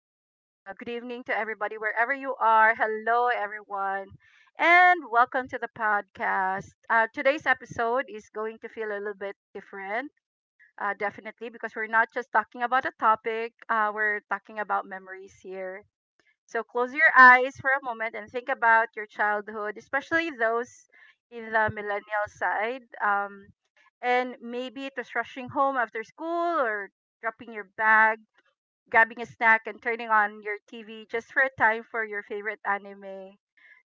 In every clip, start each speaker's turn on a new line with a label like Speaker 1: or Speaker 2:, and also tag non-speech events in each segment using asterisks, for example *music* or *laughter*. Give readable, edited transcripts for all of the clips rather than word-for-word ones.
Speaker 1: good good evening to everybody wherever you are. Hello everyone. And welcome to the podcast. Today's episode is going to feel a little bit different, definitely, because we're not just talking about a topic, we're talking about memories here. So close your eyes for a moment and think about your childhood, especially those in the millennial side. And maybe it was rushing home after school or dropping your bag, grabbing a snack, and turning on your TV just for a time for your favorite anime.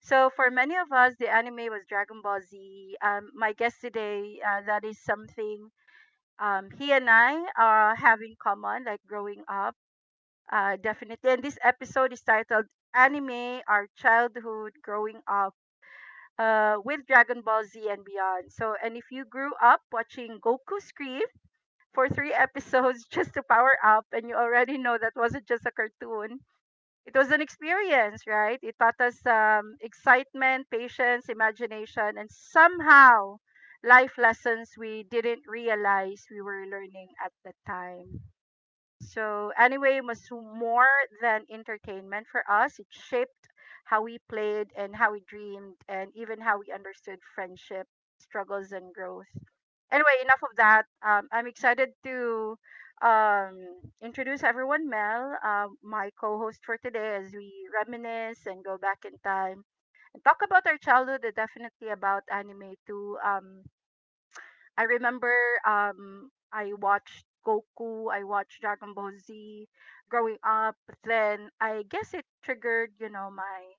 Speaker 1: So, for many of us, the anime was Dragon Ball Z. My guest today, that is something he and I have in common, like growing up, definitely. And this episode is titled Anime, Our Childhood, Growing Up with Dragon Ball Z and beyond. So, and if you grew up watching Goku scream for three episodes *laughs* just to power up, and you already know that wasn't just a cartoon. It was an experience, right? It taught us excitement, patience, imagination, and somehow life lessons we didn't realize we were learning at the time. So anyway, it was more than entertainment for us. It shaped how we played and how we dreamed and even how we understood friendship, struggles and growth. Anyway, enough of that. I'm excited to um, introduce everyone, Mel, my co-host for today, as we reminisce and go back in time and talk about our childhood and definitely about anime too. I remember I watched Goku, I watched Dragon Ball Z growing up. Then I guess it triggered, you know, my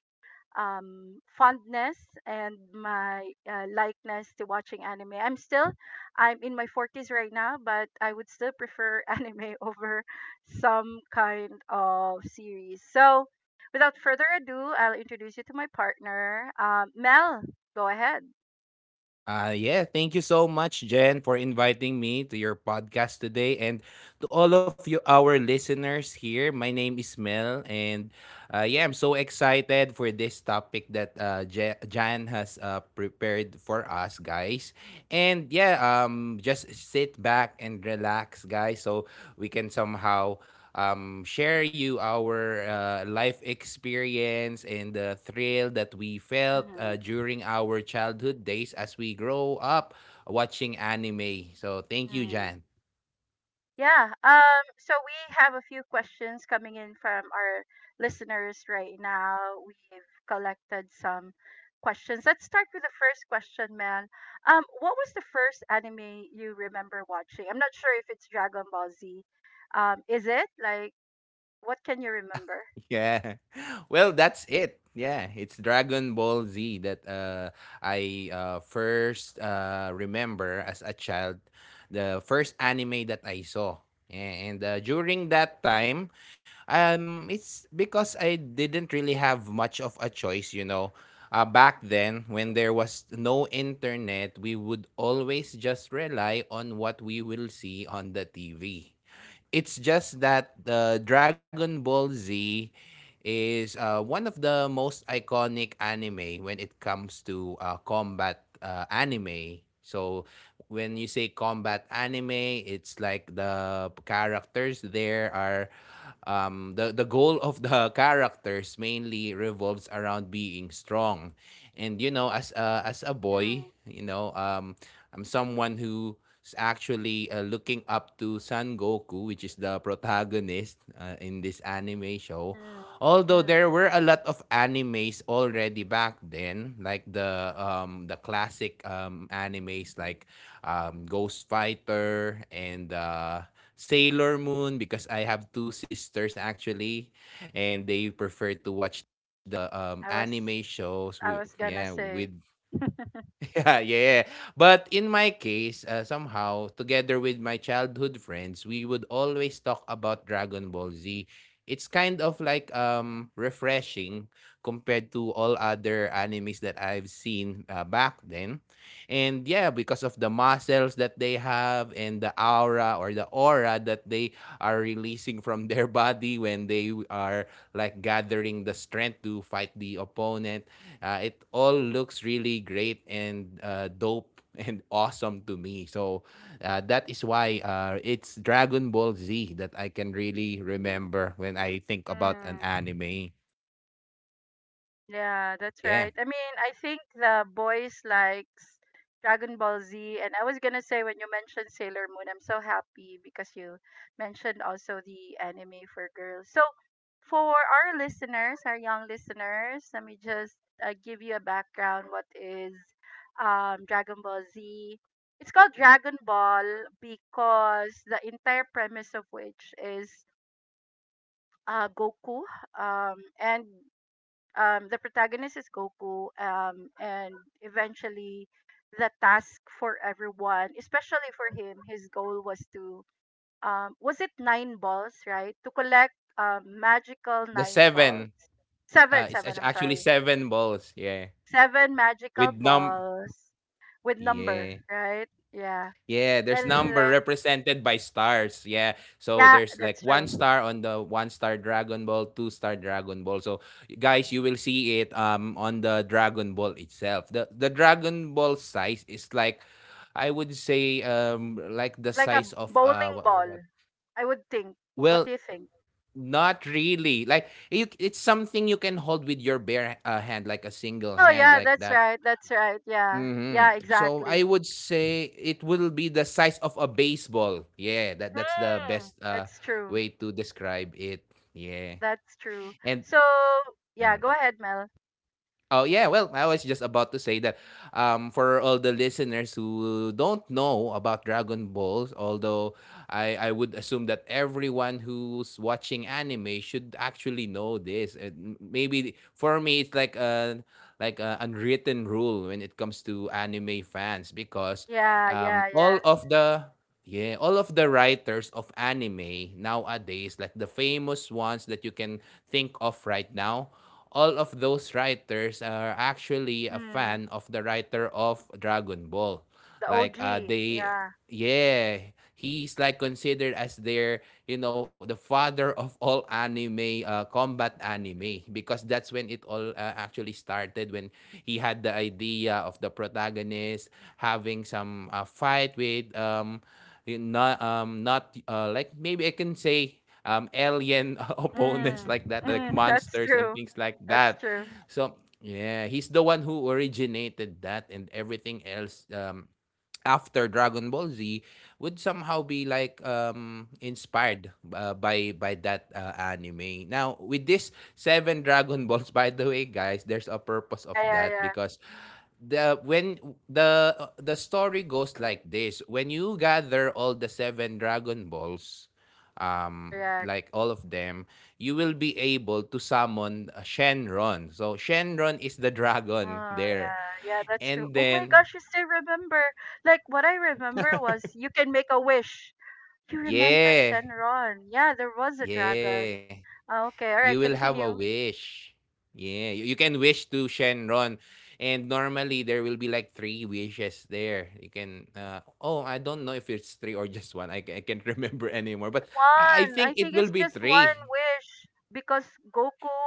Speaker 1: fondness and my likeness to watching anime. I'm in my 40s right now, but I would still prefer *laughs* anime over some kind of series. So, without further ado, I'll introduce you to my partner. Mel, go ahead.
Speaker 2: Yeah, thank you so much, Jen, for inviting me to your podcast today, and to all of you, our listeners here. My name is Mel, and yeah, I'm so excited for this topic that Jan has prepared for us, guys. Just sit back and relax, guys, so we can somehow share you our life experience and the thrill that we felt during our childhood days as we grow up watching anime. So thank you,
Speaker 1: Mhm.
Speaker 2: Jan.
Speaker 1: Yeah. So we have a few questions coming in from our listeners right now. We've collected some questions. Let's start with the first question, man. What was the first anime you remember watching? I'm not sure if it's Dragon Ball Z. Is it? Like, what can you remember?
Speaker 2: Yeah. *laughs* Well, that's it. Yeah, it's Dragon Ball Z that I first remember as a child, the first anime that I saw. Yeah, and during that time, it's because I didn't really have much of a choice, you know. Back then when there was no internet, we would always just rely on what we will see on the TV. It's just that the Dragon Ball Z is one of the most iconic anime when it comes to combat anime. So when you say combat anime, it's like the characters there are the goal of the *laughs* characters mainly revolves around being strong, and you know as a boy,
Speaker 1: Mm,
Speaker 2: I'm someone who is actually looking up to Son Goku, which is the protagonist in this anime show.
Speaker 1: mm,
Speaker 2: Although there
Speaker 1: mm.
Speaker 2: were a lot of animes already back then, like the classic animes like Ghost Fighter and Sailor Moon, because I have two sisters actually, and they prefer to watch the
Speaker 1: I
Speaker 2: anime
Speaker 1: was
Speaker 2: shows.
Speaker 1: I was
Speaker 2: Yeah,
Speaker 1: gonna
Speaker 2: with.
Speaker 1: say.
Speaker 2: *laughs* Yeah, yeah. But in my case, somehow, together with my childhood friends, we would always talk about Dragon Ball Z. It's kind of like refreshing compared to all other animes that I've seen back then. And yeah, because of the muscles that they have and the aura that they are releasing from their *laughs* body when they are like gathering the strength to fight the opponent. It all looks really great and dope and *laughs* awesome to me. So that is why it's Dragon Ball Z that I can really remember when I think about an
Speaker 1: Mm.
Speaker 2: anime.
Speaker 1: Yeah, that's
Speaker 2: Yeah.
Speaker 1: right. I mean, I think the boys likes Dragon Ball Z, and I was gonna say when you mentioned Sailor Moon, I'm so happy because you mentioned also the anime for girls. So, for our listeners, our young listeners, let me just give you a background. What is Dragon Ball Z? It's called Dragon Ball because the entire premise of which is Goku, and the protagonist is Goku, and eventually the task for everyone, especially for him, his goal was to was it nine balls, right? To collect magical
Speaker 2: The
Speaker 1: nine balls,
Speaker 2: seven.
Speaker 1: seven, seven. I'm
Speaker 2: Actually
Speaker 1: sorry,
Speaker 2: seven balls. Yeah.
Speaker 1: seven magical
Speaker 2: With num.
Speaker 1: balls with number,
Speaker 2: Yeah.
Speaker 1: right? Yeah,
Speaker 2: Yeah, there's
Speaker 1: and
Speaker 2: number
Speaker 1: then-
Speaker 2: represented by stars. Yeah. So
Speaker 1: yeah,
Speaker 2: there's like
Speaker 1: that's
Speaker 2: one
Speaker 1: true.
Speaker 2: star on the one star Dragon Ball, two star Dragon Ball. So guys, you will see it on the Dragon Ball itself. The Dragon Ball size is like I would say like the
Speaker 1: Like a
Speaker 2: size of
Speaker 1: bowling ball,
Speaker 2: what.
Speaker 1: I would think. What do you
Speaker 2: Well,
Speaker 1: think?
Speaker 2: not really like you, it's something you can hold with your bare hand, like a single
Speaker 1: Oh
Speaker 2: hand
Speaker 1: yeah,
Speaker 2: like
Speaker 1: that's
Speaker 2: that.
Speaker 1: right. That's right. Yeah.
Speaker 2: Hmm.
Speaker 1: Yeah,
Speaker 2: So I
Speaker 1: exactly.
Speaker 2: would say it will be the size of a baseball. Yeah, that that's the
Speaker 1: Mm,
Speaker 2: best
Speaker 1: that's true.
Speaker 2: way to describe it. Yeah.
Speaker 1: That's true.
Speaker 2: And
Speaker 1: So yeah, go
Speaker 2: mm.
Speaker 1: ahead, Mel.
Speaker 2: Oh yeah, well, I was just about to say that for all the listeners who don't know about Dragon Balls, although I would assume that everyone who's watching anime should actually know this. And maybe for me, it's like a unwritten rule when it comes to anime fans because
Speaker 1: Yeah, yeah,
Speaker 2: all
Speaker 1: yeah.
Speaker 2: of the yeah, all of the writers of anime nowadays, like the famous ones that you can think of right now, all of those writers are actually a
Speaker 1: Hmm.
Speaker 2: fan of the writer of Dragon Ball.
Speaker 1: The
Speaker 2: Like
Speaker 1: OG.
Speaker 2: they
Speaker 1: Yeah.
Speaker 2: Yeah, he's like considered as their, you know, the father of all anime combat anime, because that's when it all actually started when he had the idea of the protagonist having some fight with not like maybe I can say alien *laughs* opponents
Speaker 1: Mm.
Speaker 2: like that, like
Speaker 1: Mm. *laughs* That's
Speaker 2: monsters and
Speaker 1: true.
Speaker 2: things like
Speaker 1: That's
Speaker 2: that.
Speaker 1: true.
Speaker 2: So yeah, he's the one who originated that, and everything else after Dragon Ball Z would somehow be like inspired by that anime. Now with this seven *laughs* Dragon Balls, by the way, guys, there's a purpose of
Speaker 1: Yeah, yeah,
Speaker 2: that
Speaker 1: yeah.
Speaker 2: because the when the story goes like this: when you gather all the seven Dragon Balls,
Speaker 1: Correct.
Speaker 2: like all of them, you will be able to summon Shenron. So Shenron is the *laughs* dragon
Speaker 1: Oh
Speaker 2: there.
Speaker 1: yeah, yeah, that's true.
Speaker 2: And
Speaker 1: Oh my
Speaker 2: then,
Speaker 1: gosh, you still remember. Like what I remember was you can make a wish. You remember
Speaker 2: yeah.
Speaker 1: Shenron. Yeah, there was a
Speaker 2: Yeah,
Speaker 1: dragon. Ah, okay,
Speaker 2: you
Speaker 1: all
Speaker 2: will
Speaker 1: right,
Speaker 2: have a
Speaker 1: continue.
Speaker 2: wish. Yeah, you can wish to Shenron, and normally there will be like three wishes there. You can, oh, I don't know if it's three or just one. I can't *laughs* remember anymore, but I
Speaker 1: One.
Speaker 2: think
Speaker 1: I
Speaker 2: it
Speaker 1: think
Speaker 2: will
Speaker 1: it's
Speaker 2: be
Speaker 1: just one
Speaker 2: three.
Speaker 1: wish because Goku,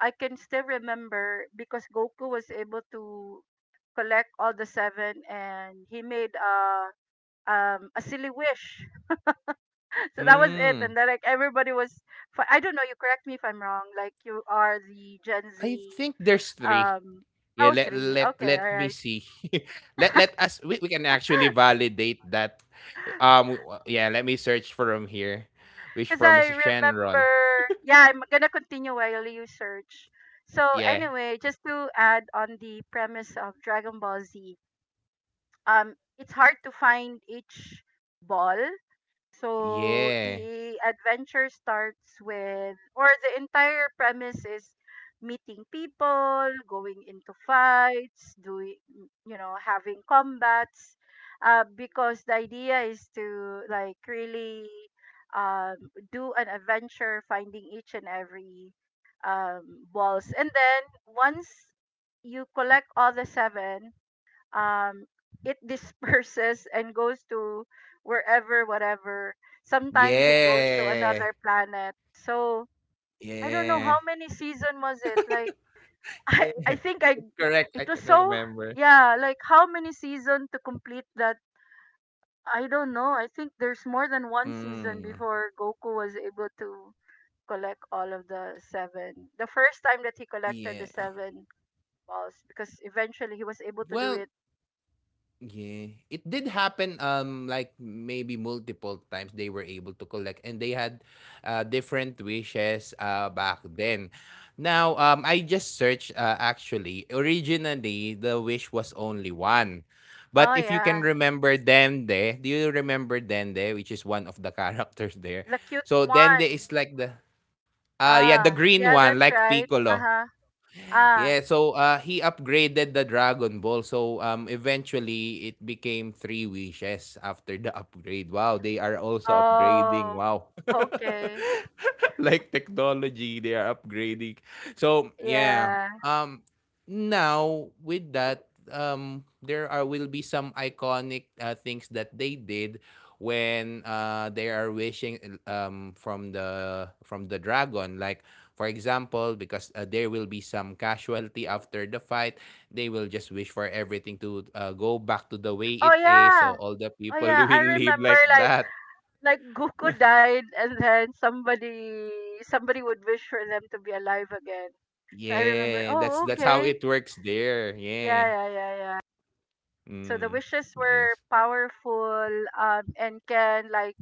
Speaker 1: I can still remember because Goku was able to collect all the seven and he made a silly wish. *laughs* So that was it and
Speaker 2: Mm,
Speaker 1: then like everybody was I don't know, you correct me if I'm wrong. Like you are the Gen
Speaker 2: I think
Speaker 1: Z
Speaker 2: there's three.
Speaker 1: um
Speaker 2: Yeah,
Speaker 1: oh three. Okay,
Speaker 2: let
Speaker 1: all
Speaker 2: me
Speaker 1: right.
Speaker 2: see. *laughs* We can actually
Speaker 1: *laughs*
Speaker 2: validate that. Yeah, let me search from here. Wish
Speaker 1: Because
Speaker 2: from
Speaker 1: I
Speaker 2: Shenron.
Speaker 1: remember, yeah, I'm gonna continue while you search. So
Speaker 2: Yeah.
Speaker 1: anyway, just to add on the premise of Dragon Ball Z, it's hard to find each ball, so
Speaker 2: Yeah.
Speaker 1: the adventure starts with, or the entire premise is meeting people, going into fights, doing, you know, having combats. Because the idea is to like really um, do an adventure, finding each and every balls, and then once you collect all the seven, um it *laughs* disperses and goes to wherever whatever, sometimes it goes to
Speaker 2: Yeah.
Speaker 1: another planet. So I don't know how
Speaker 2: Yeah.
Speaker 1: many season was it, like, *laughs*
Speaker 2: Yeah.
Speaker 1: I think I
Speaker 2: *laughs* Correct.
Speaker 1: it
Speaker 2: I
Speaker 1: was
Speaker 2: can
Speaker 1: so,
Speaker 2: remember.
Speaker 1: yeah, like how many season to complete that. I don't know, I think there's more than one season
Speaker 2: Mm.
Speaker 1: before Goku was able to collect all of the seven. The first time that he collected
Speaker 2: Yeah.
Speaker 1: the seven balls, because eventually he was able to do
Speaker 2: Well,
Speaker 1: it.
Speaker 2: yeah, it did happen like maybe multiple times they were able to collect and they had different wishes back then. Now, I just searched actually originally the wish was only one.
Speaker 1: Oh
Speaker 2: But if you
Speaker 1: yeah,
Speaker 2: can remember Dende, do you remember Dende, which is one of the *laughs* characters there?
Speaker 1: the cute
Speaker 2: So Dende
Speaker 1: one.
Speaker 2: is like the yeah, the
Speaker 1: Ah,
Speaker 2: green
Speaker 1: yeah,
Speaker 2: one,
Speaker 1: that's
Speaker 2: like
Speaker 1: right.
Speaker 2: Piccolo.
Speaker 1: Uh-huh. Ah.
Speaker 2: Yeah, so he upgraded the Dragon Ball. So eventually, it became three wishes after the upgrade. Wow, they are also upgrading.
Speaker 1: Oh.
Speaker 2: Wow. *laughs*
Speaker 1: Okay.
Speaker 2: Like technology, they are upgrading. So, yeah.
Speaker 1: Yeah.
Speaker 2: Now, with that, there are will be some iconic things that they did when they are wishing from the dragon. Like, for example, because there will be some casualty after the fight, they will just wish for everything to go back to the way
Speaker 1: Oh
Speaker 2: it is. So
Speaker 1: yeah.
Speaker 2: all the
Speaker 1: Oh
Speaker 2: people *laughs*
Speaker 1: yeah, I
Speaker 2: will live
Speaker 1: remember
Speaker 2: like
Speaker 1: like
Speaker 2: that.
Speaker 1: like Goku died and then somebody would wish for them to be alive again. So I remember,
Speaker 2: Yeah,
Speaker 1: oh
Speaker 2: that's how
Speaker 1: okay.
Speaker 2: it works there.
Speaker 1: Yeah,
Speaker 2: Yeah.
Speaker 1: yeah, yeah, yeah. So the
Speaker 2: Mm.
Speaker 1: wishes were
Speaker 2: Yes.
Speaker 1: powerful and can like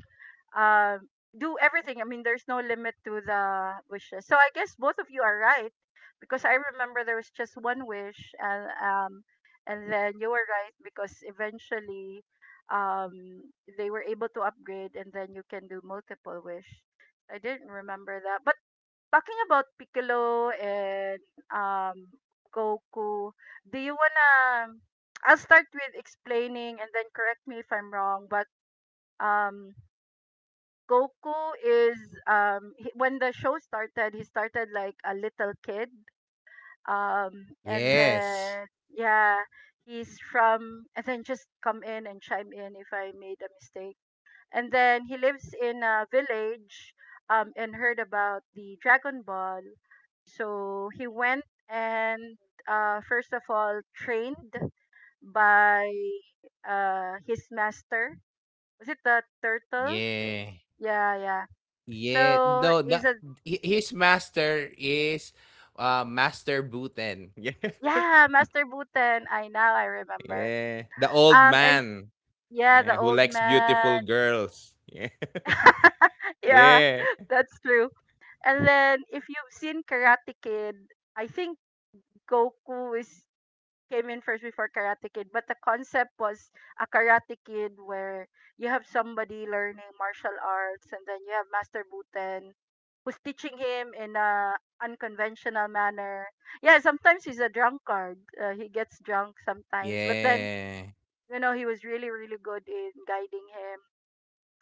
Speaker 1: um do everything. I mean, there's no limit to the wishes. So I guess both of you are right because I remember there was just one wish, and then you were right because eventually, um, they were able to upgrade, and then you can do multiple wish. I didn't remember that, but talking about Piccolo and um Goku, do you wanna? I'll start with explaining, and then correct me if I'm wrong, but um Goku is he, when the show started, he started like a little kid. And
Speaker 2: Yes.
Speaker 1: then yeah, he's from and then just come in and chime in if I made a mistake. And then he lives in a village and heard about the Dragon Ball. So he went and first of all trained by his master. Was it the turtle?
Speaker 2: Yeah.
Speaker 1: Yeah, yeah
Speaker 2: Yeah.
Speaker 1: so
Speaker 2: No, no,
Speaker 1: he's a
Speaker 2: his master is Master Buten. *laughs* Yeah.
Speaker 1: yeah, Master Buten. I now I remember.
Speaker 2: Yeah. The old
Speaker 1: And
Speaker 2: man.
Speaker 1: yeah,
Speaker 2: Yeah,
Speaker 1: the
Speaker 2: who
Speaker 1: old
Speaker 2: likes
Speaker 1: man.
Speaker 2: beautiful girls. Yeah.
Speaker 1: *laughs*
Speaker 2: *laughs*
Speaker 1: Yeah,
Speaker 2: Yeah.
Speaker 1: that's true. And then if you've seen Karate Kid, I think Goku is came in first before Karate Kid, but the concept was a Karate Kid where you have somebody learning martial arts and then you have Master Buten who's teaching him in a unconventional manner. Yeah, sometimes he's a drunkard. He gets drunk sometimes, but then
Speaker 2: Yeah.
Speaker 1: you know he was really really good in guiding him.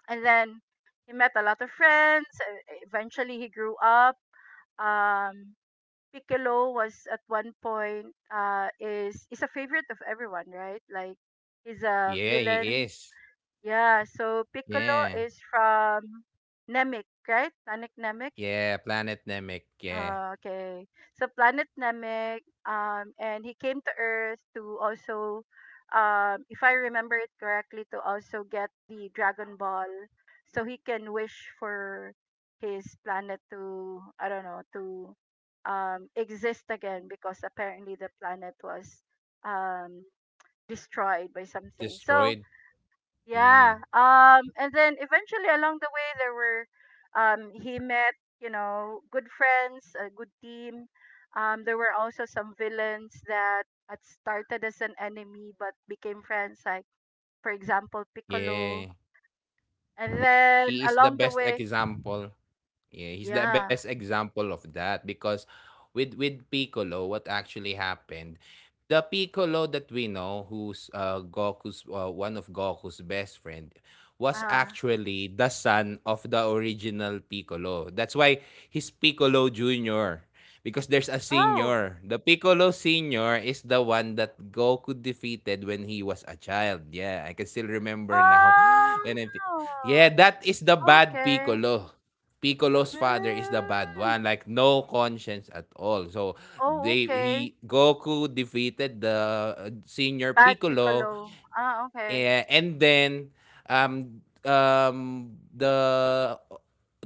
Speaker 1: And then he met a lot of friends. And eventually, he grew up. Um, Piccolo was at one point is a favorite of everyone, right? Like he's a
Speaker 2: Yeah, he
Speaker 1: villain.
Speaker 2: is.
Speaker 1: Yeah, so Piccolo
Speaker 2: Yeah.
Speaker 1: is from Namek, right? Namek.
Speaker 2: Yeah, Planet Namek, yeah,
Speaker 1: Ah, okay. So planet Namek, and he came to Earth to also, if I remember it correctly, to also get the Dragon Ball, so he can wish for his planet to, I don't know, to exist again because apparently the planet was um, destroyed by
Speaker 2: was
Speaker 1: something. So
Speaker 2: destroyed.
Speaker 1: yeah.
Speaker 2: Mm,
Speaker 1: And then eventually along the way, there were, he met, you know, good friends, a good team. There were also some villains that had started as an enemy but became friends, like, for example, Piccolo.
Speaker 2: yeah.
Speaker 1: And then
Speaker 2: He is
Speaker 1: along
Speaker 2: the
Speaker 1: the
Speaker 2: best
Speaker 1: way,
Speaker 2: example. Yeah, he's the
Speaker 1: yeah.
Speaker 2: best example of that because with Piccolo, what actually happened, the Piccolo that we know, who's Goku's one of Goku's best friend, was
Speaker 1: Uh,
Speaker 2: actually the son of the original Piccolo. That's why he's Piccolo Junior. Because there's a
Speaker 1: oh.
Speaker 2: senior. The Piccolo Senior is the one that Goku defeated when he was a child. Yeah, I can still remember now. *laughs* When I thi-
Speaker 1: Oh.
Speaker 2: yeah, that is the bad
Speaker 1: Okay.
Speaker 2: Piccolo. Piccolo's father is the bad
Speaker 1: Mm.
Speaker 2: one, like no conscience at all. So
Speaker 1: Oh,
Speaker 2: they
Speaker 1: okay.
Speaker 2: he Goku defeated the senior
Speaker 1: Bad
Speaker 2: Piccolo,
Speaker 1: Piccolo. Ah, okay.
Speaker 2: and then um um the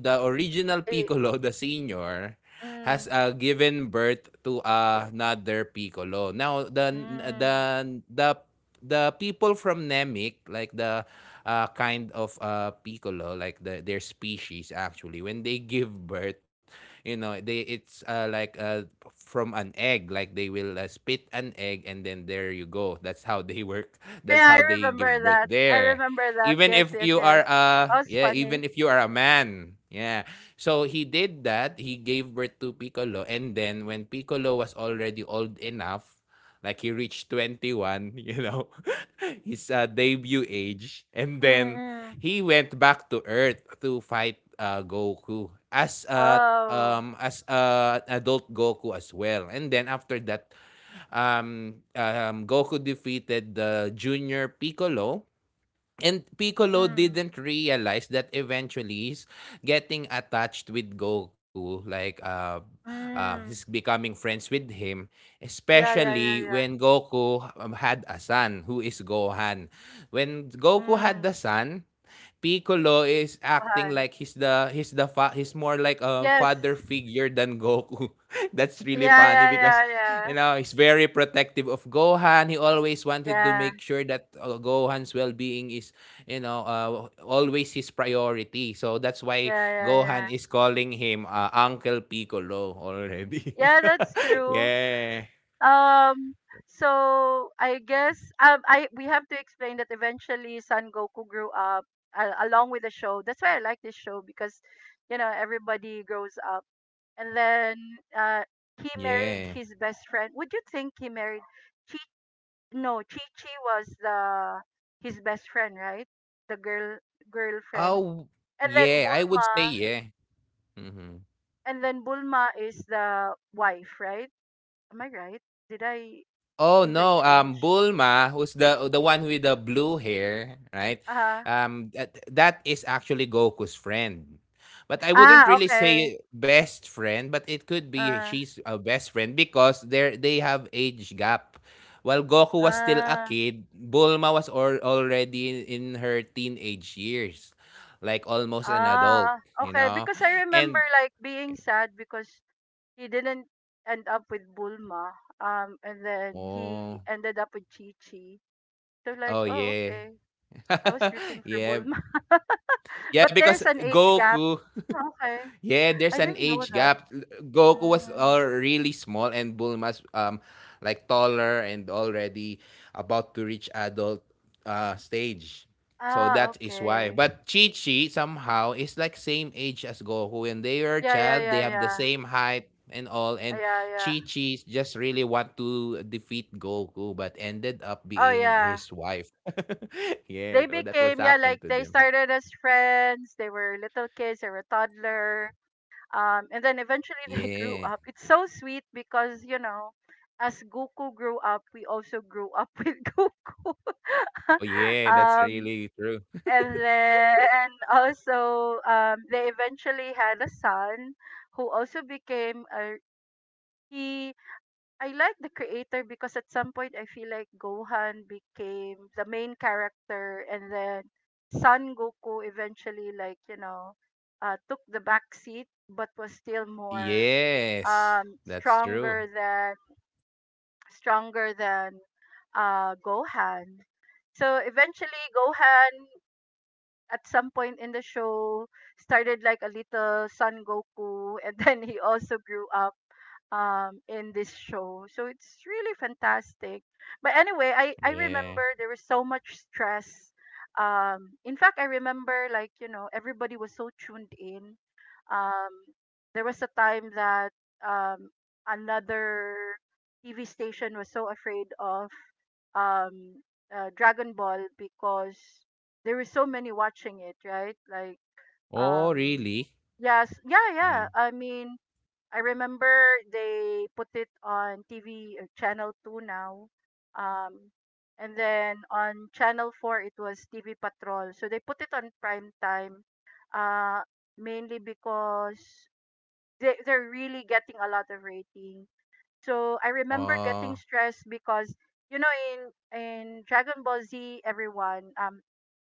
Speaker 2: the original
Speaker 1: The,
Speaker 2: Piccolo, the senior, has
Speaker 1: mm.
Speaker 2: given birth to another Piccolo. Now the the
Speaker 1: Mm.
Speaker 2: the the people from Namek, like the piccolo, like their species actually, when they give birth, you know, they it's like from an egg, like they will spit an egg and then there you go. That's how they work. *laughs*
Speaker 1: Oh
Speaker 2: That's
Speaker 1: yeah,
Speaker 2: how
Speaker 1: I
Speaker 2: they
Speaker 1: remember
Speaker 2: give birth
Speaker 1: that. I
Speaker 2: there.
Speaker 1: remember that.
Speaker 2: Even
Speaker 1: Yes,
Speaker 2: if
Speaker 1: yes,
Speaker 2: you
Speaker 1: yes.
Speaker 2: are
Speaker 1: That was
Speaker 2: yeah,
Speaker 1: funny.
Speaker 2: even if you are a man. Yeah. So he did that. He gave birth to Piccolo, and then when Piccolo was already old enough, like he reached 21, you know, *laughs* his debut age. And then
Speaker 1: Mm-mm.
Speaker 2: he went back to Earth to fight Goku as
Speaker 1: Oh.
Speaker 2: a adult Goku as well. And then after that, Goku defeated the junior Piccolo. And Piccolo
Speaker 1: Mm.
Speaker 2: didn't realize that eventually he's getting attached with Goku, like he's
Speaker 1: Mm.
Speaker 2: becoming friends with him,
Speaker 1: Yeah, yeah, yeah,
Speaker 2: especially
Speaker 1: yeah.
Speaker 2: when Goku had a son, who is Gohan. When Goku had
Speaker 1: Mm.
Speaker 2: the son, Piccolo is acting
Speaker 1: Gohan.
Speaker 2: like he's more like a
Speaker 1: Yes.
Speaker 2: father figure than Goku. *laughs* That's really
Speaker 1: Yeah,
Speaker 2: funny
Speaker 1: yeah,
Speaker 2: because,
Speaker 1: yeah, yeah.
Speaker 2: you know, he's very protective of Gohan. He always wanted to
Speaker 1: Yeah,
Speaker 2: make sure that Gohan's well-being is, you know, always his priority. So that's why
Speaker 1: yeah, yeah,
Speaker 2: Gohan
Speaker 1: yeah.
Speaker 2: is calling him Uncle Piccolo already.
Speaker 1: Yeah, that's
Speaker 2: *laughs*
Speaker 1: true.
Speaker 2: Yeah.
Speaker 1: Um, so I guess I we have to explain that eventually Son Goku grew up along with the show. That's why I like this show because you know everybody grows up and then uh, he married
Speaker 2: Yeah.
Speaker 1: his best friend. Would you think he married Chi? No, Chi Chi was the his best friend, right? The girl girlfriend,
Speaker 2: Oh,
Speaker 1: and then
Speaker 2: yeah. I would say
Speaker 1: Bulma,
Speaker 2: yeah. Mhm.
Speaker 1: and then Bulma is the wife, right? Am I right? Did I
Speaker 2: Oh no,
Speaker 1: interchange?
Speaker 2: Bulma, who's the one with the blue hair, right?
Speaker 1: Uh-huh.
Speaker 2: That is actually Goku's friend. But I wouldn't
Speaker 1: Ah,
Speaker 2: really
Speaker 1: okay.
Speaker 2: say best friend, but it could be
Speaker 1: Uh,
Speaker 2: she's a best friend because they have age gap. While Goku was still a
Speaker 1: ah,
Speaker 2: kid, Bulma was or, already in her teenage years, like almost an
Speaker 1: ah,
Speaker 2: adult, you
Speaker 1: okay.
Speaker 2: know?
Speaker 1: Because I remember
Speaker 2: And
Speaker 1: like being sad because he didn't end up with Bulma. And then he
Speaker 2: oh,
Speaker 1: ended up with Chi Chi. So like,
Speaker 2: oh
Speaker 1: oh
Speaker 2: yeah.
Speaker 1: okay, I was
Speaker 2: *laughs*
Speaker 1: rooting for
Speaker 2: Yeah.
Speaker 1: Bulma, *laughs*
Speaker 2: Yeah,
Speaker 1: but
Speaker 2: because
Speaker 1: there's an age gap.
Speaker 2: Goku.
Speaker 1: Oh, okay,
Speaker 2: Yeah, there's
Speaker 1: I
Speaker 2: an
Speaker 1: didn't know
Speaker 2: age
Speaker 1: that.
Speaker 2: gap. Goku was
Speaker 1: Mm.
Speaker 2: really small and Bulma's like taller and already about to reach adult stage. So
Speaker 1: Ah,
Speaker 2: that is why.
Speaker 1: okay.
Speaker 2: But Chi Chi somehow is like same age as Goku. When they were a
Speaker 1: Yeah, yeah,
Speaker 2: child, they
Speaker 1: yeah,
Speaker 2: have the
Speaker 1: yeah,
Speaker 2: same height and all. And
Speaker 1: yeah, yeah.
Speaker 2: Chi Chi just really want to defeat Goku, but ended up
Speaker 1: Oh
Speaker 2: being
Speaker 1: yeah,
Speaker 2: his wife. *laughs*
Speaker 1: they
Speaker 2: Yeah, so that was
Speaker 1: became, yeah, like
Speaker 2: happened to
Speaker 1: they
Speaker 2: them.
Speaker 1: started as friends. They were little kids. They were toddler. And then eventually *laughs* they
Speaker 2: Yeah.
Speaker 1: grew up. It's so sweet because, you know, as Goku grew up, we also grew up *laughs* with Goku.
Speaker 2: Oh
Speaker 1: *laughs*
Speaker 2: yeah, that's
Speaker 1: um,
Speaker 2: really true.
Speaker 1: and then also they eventually had a son who also became a he I like the creator because at some point I feel like Gohan became the main character, and then Son Goku eventually, took the back seat but was still more,
Speaker 2: Yes,
Speaker 1: um,
Speaker 2: that's true.
Speaker 1: stronger than stronger than Gohan. So eventually, Gohan at some point in the show started like a little Son Goku, and *laughs* then he also grew up in this show, so it's really fantastic. But anyway, I
Speaker 2: Yeah.
Speaker 1: remember there was so much stress. In fact, I remember, like, everybody was so tuned in. um there was a time that um another TV station was so afraid of um Dragon Ball because there were so many watching it, right? Like,
Speaker 2: Oh,
Speaker 1: um
Speaker 2: really?
Speaker 1: yes, yeah,
Speaker 2: Yeah.
Speaker 1: yeah. I mean, I remember they put it on TV, channel 2 now. Um and then on channel 4 it was TV Patrol. So they put it on prime time, uh mainly because they're really getting a lot of rating. So I remember getting
Speaker 2: Oh,
Speaker 1: stressed because, you know, in Dragon Ball Z, everyone,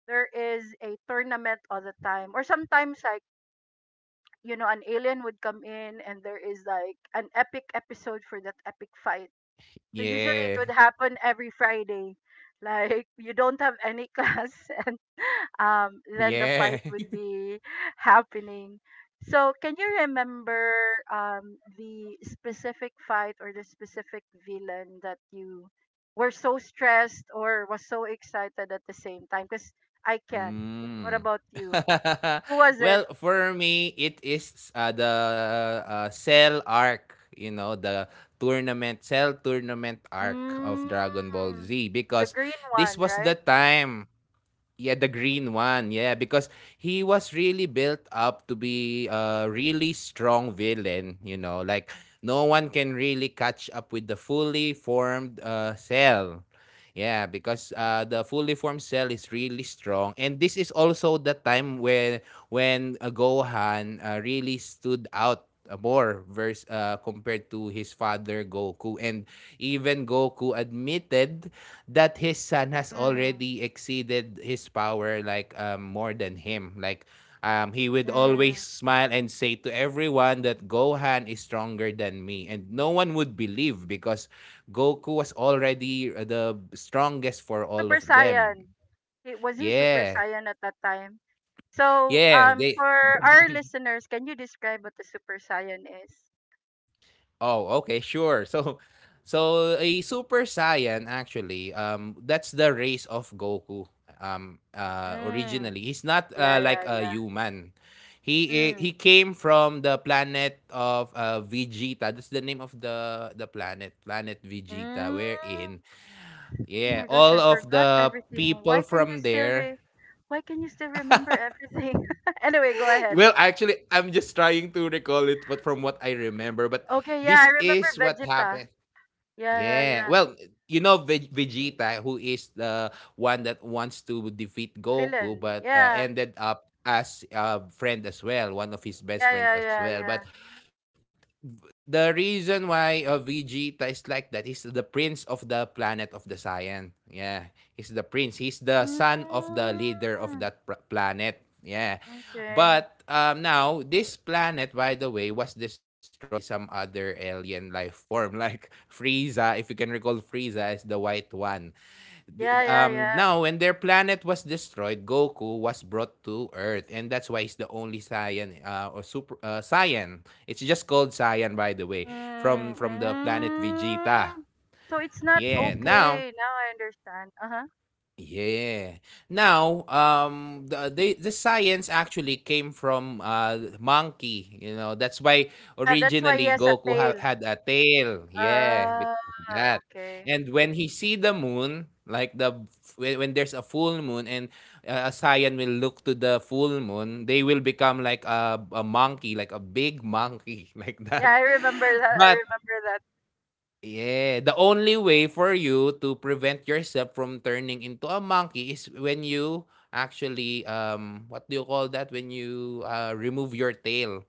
Speaker 1: there is a tournament all the time, or sometimes I, you know, an alien would come in and there is like an epic episode for that epic fight. So usually it
Speaker 2: yeah.
Speaker 1: would happen every Friday. *laughs* Like, you don't have any *laughs* class. And then the
Speaker 2: Yeah.
Speaker 1: fight would
Speaker 2: *laughs*
Speaker 1: be *laughs* happening. So can you remember the specific fight or the specific villain that you were so stressed or was so excited at the same time, because I can. What
Speaker 2: Mm.
Speaker 1: about you?
Speaker 2: *laughs*
Speaker 1: Who was it?
Speaker 2: Well, for me, it is the Cell arc, you know, the tournament, Cell tournament arc of
Speaker 1: Mm.
Speaker 2: Dragon Ball Z
Speaker 1: The
Speaker 2: because
Speaker 1: green
Speaker 2: this
Speaker 1: one,
Speaker 2: was the
Speaker 1: right?
Speaker 2: time. Yeah, the green one. Yeah, because he was really built up to be a really strong villain, you know, like no one can really catch up with the fully formed cell. Yeah, because the fully formed cell is really strong, and this is also the time when when Gohan really stood out more vers compared to his father Goku. And even Goku admitted that his son has
Speaker 1: Mm.
Speaker 2: already exceeded his power, like more than him. Like he would always
Speaker 1: Mm.
Speaker 2: smile and say to everyone that Gohan is stronger than me, and no one would believe because Goku was already the strongest for all
Speaker 1: Super
Speaker 2: of them.
Speaker 1: Saiyan. He, was he Super
Speaker 2: yeah
Speaker 1: Saiyan at that time? So,
Speaker 2: yeah they
Speaker 1: for our listeners, can you describe what the Super Saiyan is?
Speaker 2: Oh, okay, sure. So, *laughs* so a Super Saiyan actually, that's the race of Goku.
Speaker 1: Mm.
Speaker 2: Originally, he's not
Speaker 1: Yeah, yeah,
Speaker 2: like a
Speaker 1: yeah.
Speaker 2: human. He i-
Speaker 1: Mm.
Speaker 2: he came from the planet of Vegeta. That's the name of the planet, planet Vegeta.
Speaker 1: Mm.
Speaker 2: Wherein,
Speaker 1: Oh
Speaker 2: yeah,
Speaker 1: my gosh,
Speaker 2: all
Speaker 1: I
Speaker 2: of
Speaker 1: forgot
Speaker 2: the
Speaker 1: everything.
Speaker 2: people from there.
Speaker 1: Why can you still remember everything? *laughs* Anyway, go ahead.
Speaker 2: Well, actually, I'm just trying to recall it, but from what I remember, but
Speaker 1: Okay, yeah, I
Speaker 2: this
Speaker 1: remember
Speaker 2: is what
Speaker 1: Vegeta.
Speaker 2: happened.
Speaker 1: Yeah, yeah,
Speaker 2: Yeah.
Speaker 1: yeah.
Speaker 2: Well, you know Vegeta, who is the one that wants to defeat Goku,
Speaker 1: Villain.
Speaker 2: but
Speaker 1: Yeah.
Speaker 2: ended up as a friend as well, one of his
Speaker 1: Yeah,
Speaker 2: best
Speaker 1: yeah,
Speaker 2: friends
Speaker 1: yeah,
Speaker 2: as
Speaker 1: yeah.
Speaker 2: well. But the reason why Vegeta is like that is the prince of the planet of the Saiyan. Yeah, he's the prince. He's the son of
Speaker 1: Mm,
Speaker 2: the leader of that planet. Yeah.
Speaker 1: okay.
Speaker 2: But now, this planet, by the way, was destroyed by some other alien life form. *laughs* Like Frieza, if you can recall, Frieza is the white one.
Speaker 1: Yeah, yeah, yeah.
Speaker 2: Now when their planet was destroyed, Goku was brought to Earth, and that's why he's the only Saiyan or super Saiyan. It's just called Saiyan, by the way, from
Speaker 1: Mm,
Speaker 2: from the planet
Speaker 1: mm.
Speaker 2: Vegeta.
Speaker 1: So it's not
Speaker 2: Yeah. Now.
Speaker 1: okay. Now I understand. Uh-huh.
Speaker 2: Yeah. Now, the science actually came from monkey. You know, that's why
Speaker 1: Yeah, that's why he
Speaker 2: originally
Speaker 1: has a tail.
Speaker 2: Had a tail. Yeah, because
Speaker 1: Ah,
Speaker 2: that.
Speaker 1: okay.
Speaker 2: And when he see the moon, like when there's a full moon, and a Saiyan will look to the full moon, they will become like a monkey, like a big monkey, *laughs* like
Speaker 1: Yeah,
Speaker 2: that.
Speaker 1: I remember that. I
Speaker 2: But.
Speaker 1: remember that.
Speaker 2: Yeah, the only way for you to prevent yourself from turning into a monkey is when you actually what do you call that when you remove your tail.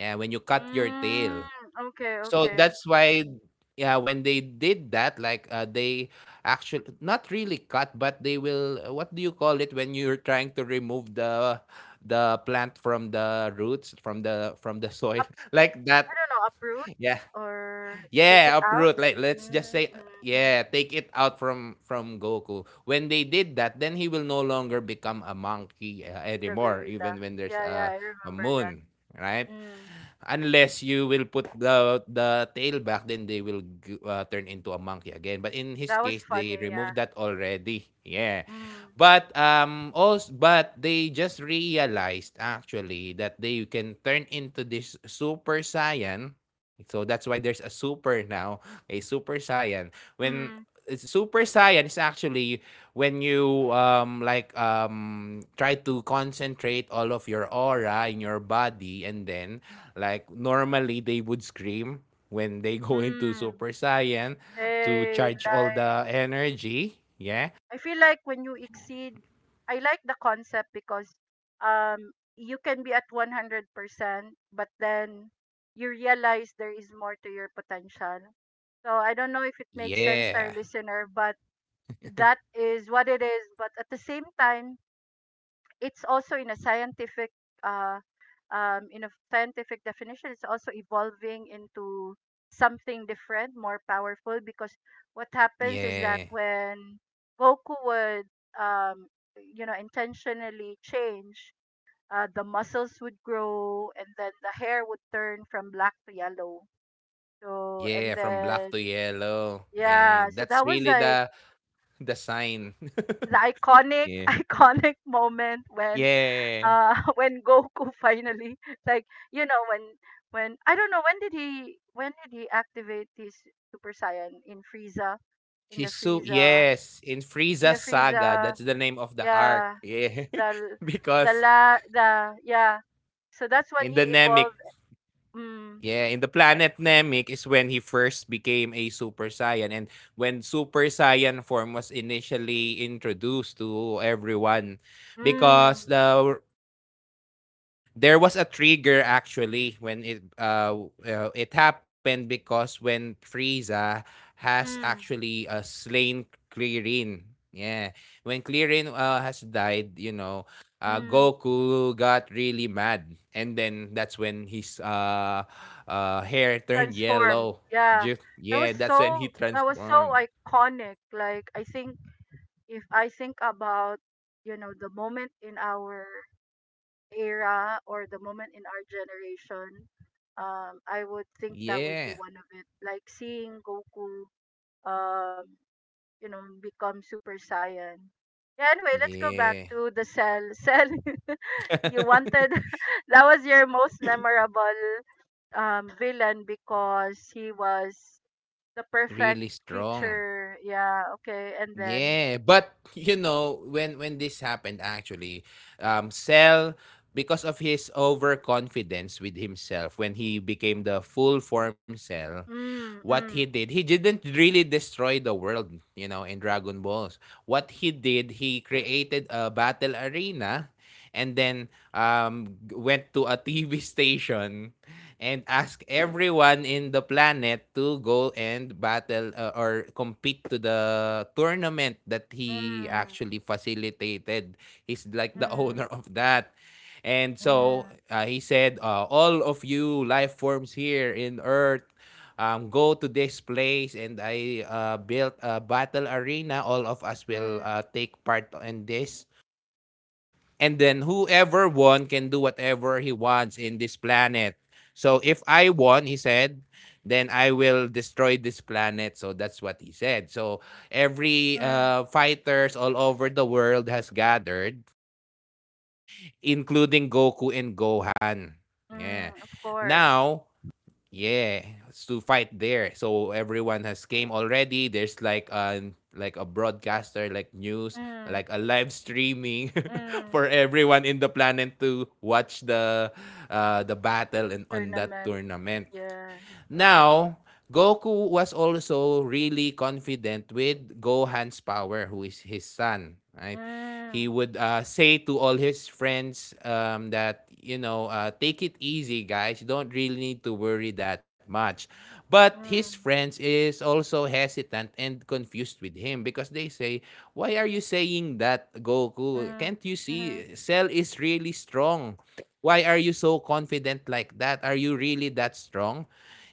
Speaker 2: Yeah, when you cut your
Speaker 1: Mm,
Speaker 2: tail.
Speaker 1: okay,
Speaker 2: So
Speaker 1: okay.
Speaker 2: that's why yeah, when they did that like they actually not really cut, but they will what do you call it when you're trying to remove the plant from the roots from the soil
Speaker 1: Up,
Speaker 2: *laughs* like
Speaker 1: I
Speaker 2: that.
Speaker 1: don't know, uproot
Speaker 2: Yeah.
Speaker 1: or take it
Speaker 2: Yeah,
Speaker 1: out.
Speaker 2: uproot. Like let's just
Speaker 1: Mm,
Speaker 2: say
Speaker 1: mm, mm.
Speaker 2: yeah, take it out from Goku. When they did that, then he will no longer become a monkey
Speaker 1: The
Speaker 2: anymore,
Speaker 1: gorilla.
Speaker 2: even when there's
Speaker 1: Yeah, yeah, I
Speaker 2: a
Speaker 1: remember that.
Speaker 2: moon, right?
Speaker 1: Mm,
Speaker 2: Unless you will put the tail back, then they will turn into a monkey again, but in his
Speaker 1: that was
Speaker 2: case they
Speaker 1: funny, yeah.
Speaker 2: removed that already. Yeah,
Speaker 1: Mm,
Speaker 2: but also, but they just realized actually that they can turn into this super saiyan, so that's why there's a super now, a super saiyan, when
Speaker 1: mm.
Speaker 2: it's super saiyan is actually when you try to concentrate all of your aura in your body, and then like normally they would scream when they go into
Speaker 1: Mm,
Speaker 2: Super Saiyan to
Speaker 1: they
Speaker 2: charge all the
Speaker 1: like
Speaker 2: energy. Yeah.
Speaker 1: I feel like when you exceed I like the concept because um you can be at 100%, but then you realize there is more to your potential. So I don't know if it makes sense to our
Speaker 2: Yeah.
Speaker 1: listener, but that is what it is. But at the same time, it's also in a scientific, uh, in a scientific definition, it's also evolving into something different, more powerful, because what happens is that
Speaker 2: Yeah.
Speaker 1: when Goku would, um, you know, intentionally change, the muscles would grow and then the hair would turn from black to yellow. So, and
Speaker 2: Yeah. From black
Speaker 1: then,
Speaker 2: to yellow. Yeah.
Speaker 1: yeah, so
Speaker 2: That's
Speaker 1: that was
Speaker 2: really
Speaker 1: like
Speaker 2: the sign. *laughs*
Speaker 1: the iconic
Speaker 2: Yeah.
Speaker 1: *laughs* iconic moment when,
Speaker 2: Yeah.
Speaker 1: *laughs* when Goku finally *laughs* like, you know, when I don't know, when did he activate his Super Saiyan in Frieza, in the
Speaker 2: Hisu,
Speaker 1: Frieza
Speaker 2: yes, in
Speaker 1: in
Speaker 2: Frieza
Speaker 1: the
Speaker 2: Saga,
Speaker 1: Frieza,
Speaker 2: that's the name of the arc.
Speaker 1: yeah,
Speaker 2: Yeah.
Speaker 1: the
Speaker 2: *laughs*
Speaker 1: the
Speaker 2: Because
Speaker 1: la the yeah, so that's when
Speaker 2: in
Speaker 1: he
Speaker 2: the Namek.
Speaker 1: evolved. Mm.
Speaker 2: Yeah, in the
Speaker 1: uh,
Speaker 2: planet Namek is when he first became a Super Saiyan, and when Super Saiyan form was initially introduced to everyone because
Speaker 1: mm,
Speaker 2: the there was a trigger actually when it happened because when Frieza has
Speaker 1: mm,
Speaker 2: actually slain Clearin. Yeah. When Clearin has died, you know,
Speaker 1: mm.
Speaker 2: Goku got really mad, and then that's when his hair turned
Speaker 1: Transformed,
Speaker 2: yellow.
Speaker 1: yeah.
Speaker 2: Just, yeah, that's when he
Speaker 1: That was so
Speaker 2: transformed.
Speaker 1: iconic, like, I think, if I think about you know, the moment in our era, or the moment in our generation. I would think that would
Speaker 2: Yeah.
Speaker 1: be one of it. Like seeing Goku, um, you know, become Super Saiyan. Yeah, anyway, let's go back
Speaker 2: Yeah.
Speaker 1: to the cell. Cell, *laughs* you
Speaker 2: *laughs*
Speaker 1: wanted, *laughs* that was your most memorable villain because he was the perfect
Speaker 2: Really strong.
Speaker 1: creature. Yeah, okay. And then,
Speaker 2: Yeah, but you know, when this happened actually, Cell, because of his overconfidence with himself when he became the full form Cell,
Speaker 1: mm,
Speaker 2: what he
Speaker 1: mm,
Speaker 2: did. He didn't really destroy the world, you know, in Dragon Balls. What he did, he created a battle arena and then went to a *laughs* TV station and asked everyone in the planet to go and battle or compete to the tournament that he
Speaker 1: mm,
Speaker 2: actually facilitated. He's like the *laughs*
Speaker 1: mm,
Speaker 2: owner of that. And so
Speaker 1: mm,
Speaker 2: he said, all of you life forms here in Earth, go to this place and I built a battle arena. All of us
Speaker 1: mm,
Speaker 2: will
Speaker 1: mm,
Speaker 2: take part in this. And then whoever won can do whatever he wants in this planet. So if I won, he said, then I will destroy this planet. So that's what he said. So every
Speaker 1: mm.
Speaker 2: fighters all over the world has gathered, including Goku and Gohan. Yeah.
Speaker 1: Mm, of course.
Speaker 2: Now, yeah, it's to fight there. So everyone has came already. There's like an like a broadcaster, like news,
Speaker 1: Mm,
Speaker 2: like a live streaming *laughs*
Speaker 1: mm,
Speaker 2: for everyone in the planet to watch the battle and on that
Speaker 1: tournament.
Speaker 2: tournament.
Speaker 1: Yeah.
Speaker 2: Now, Goku was also really confident with Gohan's power, who is his son, right? He
Speaker 1: Mm,
Speaker 2: would say to all his friends that, you know, take it easy, guys. You don't really need to worry that much. But his
Speaker 1: mm,
Speaker 2: friends is also hesitant and confused with him because they say, why are you saying that, Goku?
Speaker 1: mm,
Speaker 2: Can't you
Speaker 1: mm,
Speaker 2: see? Cell is really strong. Why are you so confident like that? Are you really that strong?